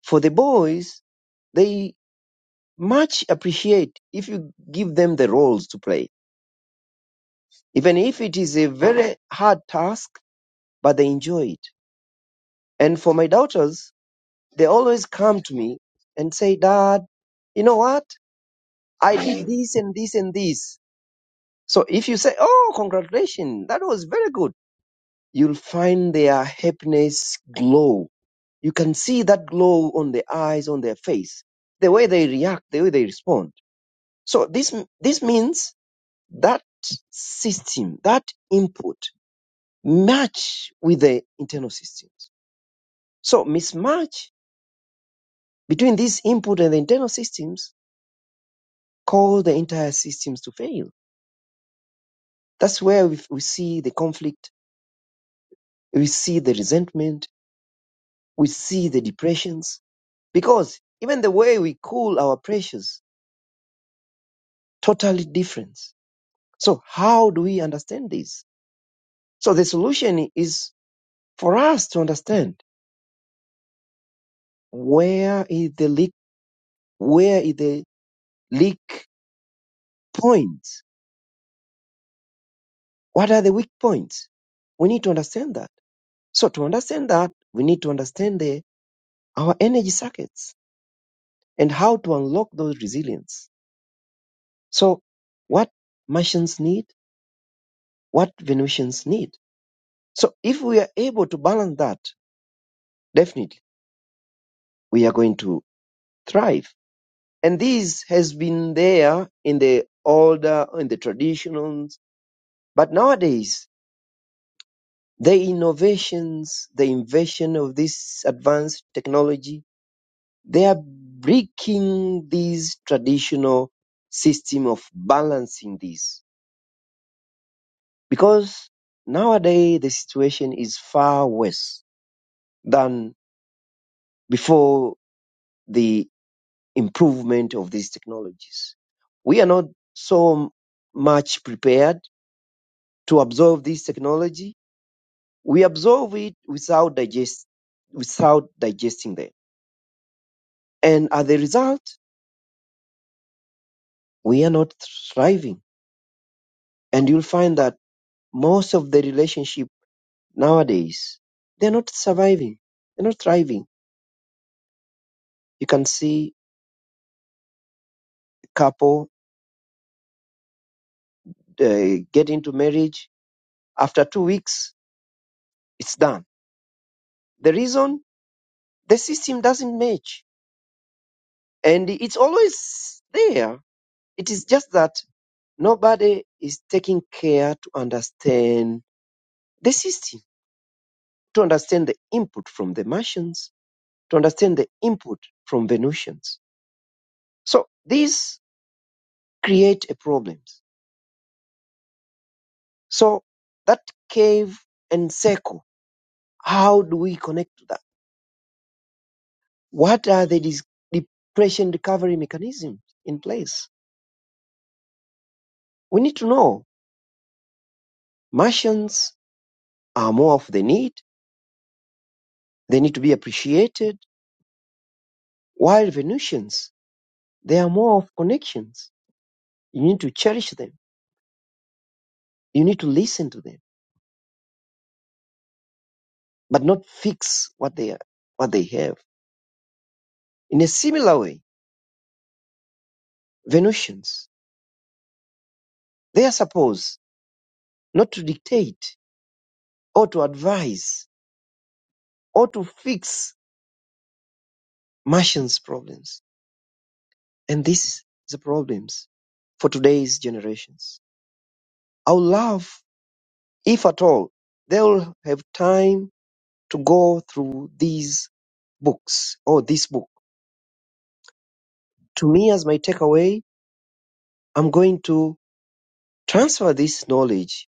for the boys, they much appreciate if you give them the roles to play. Even if it is a very hard task, but they enjoy it. And for my daughters, they always come to me and say, Dad, you know what? I did this and this and this. So if you say, Oh, congratulations, that was very good, you'll find their happiness glow. You can see that glow on their eyes, on their face, the way they react, the way they respond. So this, this means that system, that input match with the internal systems. So mismatch between this input and the internal systems cause the entire systems to fail. That's where we, we see the conflict, we see the resentment, we see the depressions, because even the way we cool our pressures, totally different. So how do we understand this? So the solution is for us to understand where is the leak, where is the leak point? What are the weak points? We need to understand that. So to understand that, we need to understand the, our energy circuits and how to unlock those resilience. So what Martians need, what Venusians need. So if we are able to balance that, definitely we are going to thrive. And this has been there in the older, in the traditionals. but nowadays the innovations, the invention of this advanced technology, they are breaking this traditional system of balancing this. Because nowadays the situation is far worse than before the improvement of these technologies. We are not so much prepared to absorb this technology. We absorb it without digest, without digesting them. And as a result, we are not thriving. And you'll find that most of the relationship nowadays, they're not surviving. They're not thriving. You can see a couple uh, get into marriage. After two weeks, it's done. The reason the system doesn't match, and it's always there. It is just that nobody is taking care to understand the system, to understand the input from the Martians, to understand the input from Venusians. So these create a problem. So that cave and circle, how do we connect to that? What are the dis- depression recovery mechanisms in place? We need to know. Martians are more of the need. They need to be appreciated. While Venusians, they are more of connections. You need to cherish them. You need to listen to them, but not fix what they are, what they have. In a similar way, Venusians, they are supposed not to dictate or to advise or to fix Martians' problems And this is a problem for today's generations. Our love, if at all, they will have time to go through these books or this book. To me, as my takeaway, I'm going to transfer this knowledge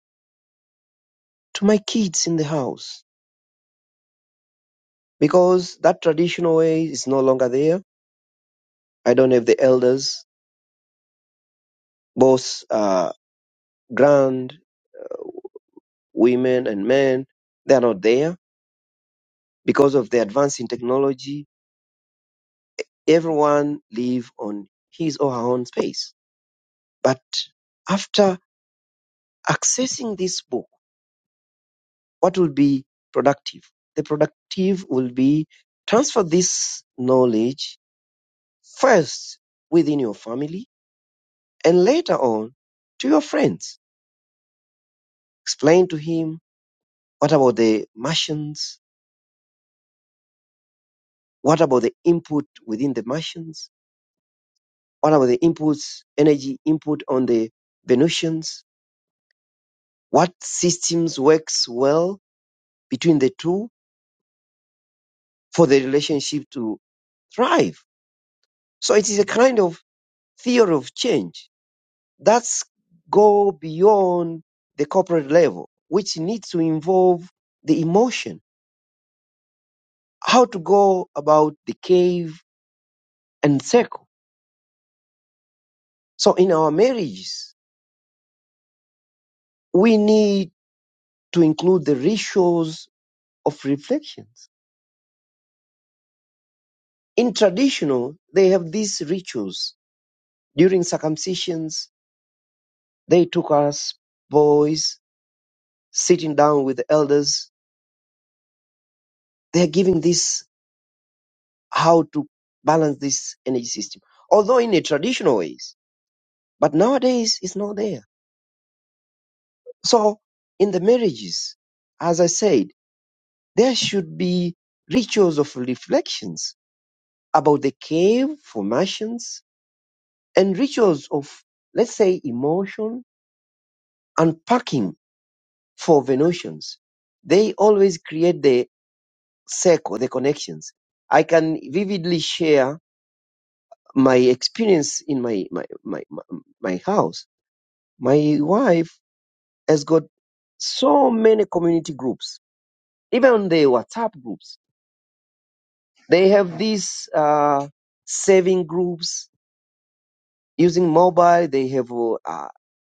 to my kids in the house because that traditional way is no longer there. I don't have the elders, both uh, grand women and men. They are not there because of the advance in technology Everyone live on his or her own space. But after accessing this book, what will be productive? The productive will be transfer this knowledge first within your family and later on to your friends. Explain to him what about the Martians? What about the input within the Martians? What about the inputs, energy input on the Venusians? What systems works well between the two? for the relationship to thrive. So it is a kind of theory of change that's go beyond the corporate level, which needs to involve the emotion, how to go about the cave and circle. So in our marriages, we need to include the rituals of reflections. In traditional, they have these rituals. During circumcisions, they took us boys sitting down with the elders They're giving this how to balance this energy system, although in a traditional ways. But nowadays, it's not there. So in the marriages, as I said, there should be rituals of reflections about the cave formations and rituals of, let's say, emotion unpacking for the notions. They always create the circle, the connections. I can vividly share my experience in my my my my my house, my wife has got so many community groups, even the WhatsApp groups. They have these uh, saving groups using mobile. They have uh,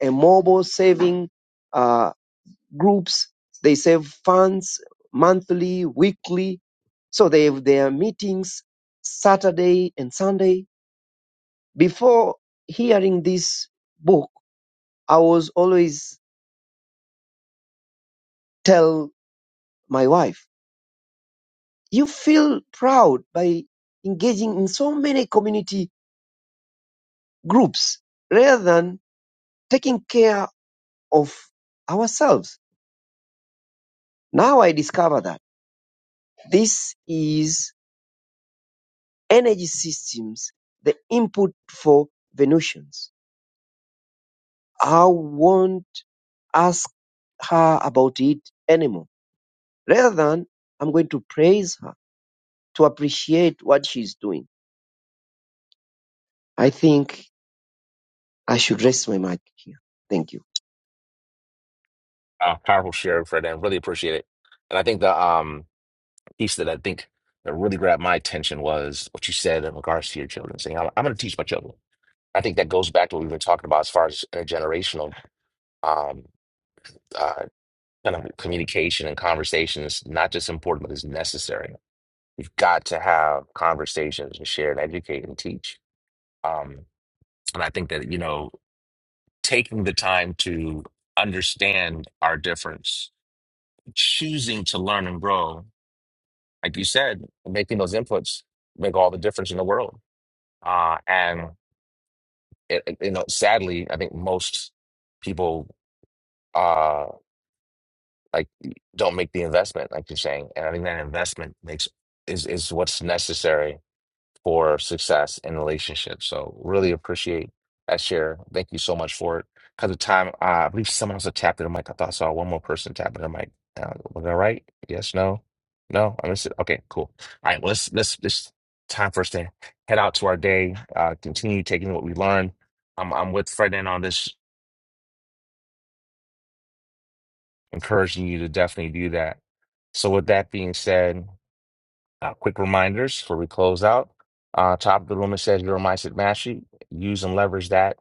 a mobile saving uh, groups. They save funds monthly, weekly. So they have their meetings Saturday and Sunday. Before hearing this book I was always tell my wife, you feel proud by engaging in so many community groups rather than taking care of ourselves. Now I discover that this is energy systems, the input for Venusians. I won't ask her about it anymore. Rather than I'm going to praise her to appreciate what she's doing. I think I should rest my mic here. Thank you. Uh, powerful share, Ferdinand. Really appreciate it. And I think the um, piece that I think that really grabbed my attention was what you said in regards to your children, saying, I'm, I'm going to teach my children. I think that goes back to what we've been talking about as far as uh, generational um, uh, kind of communication and conversation is not just important, but is necessary. You've got to have conversations and share and educate and teach. Um, and I think that, you know, taking the time to understand our difference, choosing to learn and grow, like you said, making those inputs make all the difference in the world. Uh, and, it, it- you know, sadly, I think most people. uh, like don't make the investment like you're saying and i think that investment makes is is what's necessary for success in relationships so really appreciate that share thank you so much for it because of time uh, i believe someone else had tapped their mic i thought i saw one more person tapping their mic uh, was that right yes no no i missed it okay cool all right well let's let's this time for us to head out to our day uh continue taking what we learned i'm, I'm with fred in on this encouraging you to definitely do that so with that being said Uh, quick reminders before we close out. Uh, top of the room, it says your mindset mastery. Use and leverage that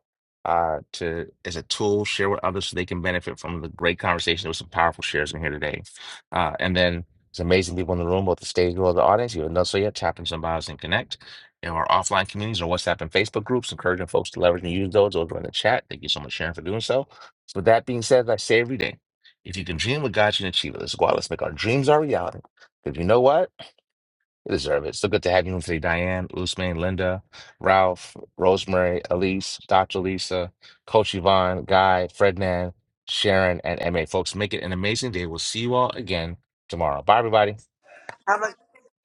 uh, to as a tool. Share with others so they can benefit from the great conversation. There was some powerful shares in here today. Uh, and then there's amazing people in the room, both the stage as well the audience. You haven't so yet. Tap in some bios and connect. You know, our offline communities, our WhatsApp and Facebook groups, encouraging folks to leverage and use those over in the chat. Thank you so much, Sharon, for doing so. So with that being said, as I say every day, if you can dream what God you can achieve it. Let's go out. Let's make our dreams our reality. Because you know what? You deserve it. So good to have you in today, Diane, Usman, Linda, Ralph, Rosemary, Elise, Dr. Lisa, Coach Yvonne, Guy, Frednan, Sharon, and MA. Folks, make it an amazing day. We'll see you all again tomorrow. Bye, everybody. Have a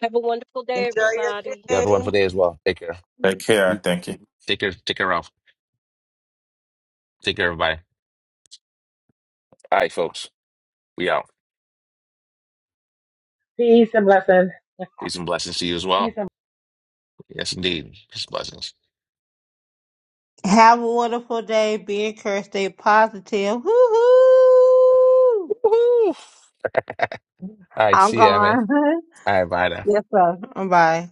Have a wonderful day, enjoy your everybody. You have a day. wonderful day as well. Take care. Take care. You- Thank you. Take care. Take care, Ralph. Take care, everybody. All right, folks. We out. Peace and blessings. Peace and blessings to you as Peace well. and Yes, indeed. Peace and blessings. Have a wonderful day. Be encouraged. Stay positive. Woo-hoo! Woo-hoo. All right. I'm See you, MA. gone. All right. Bye now. yes, sir. Bye.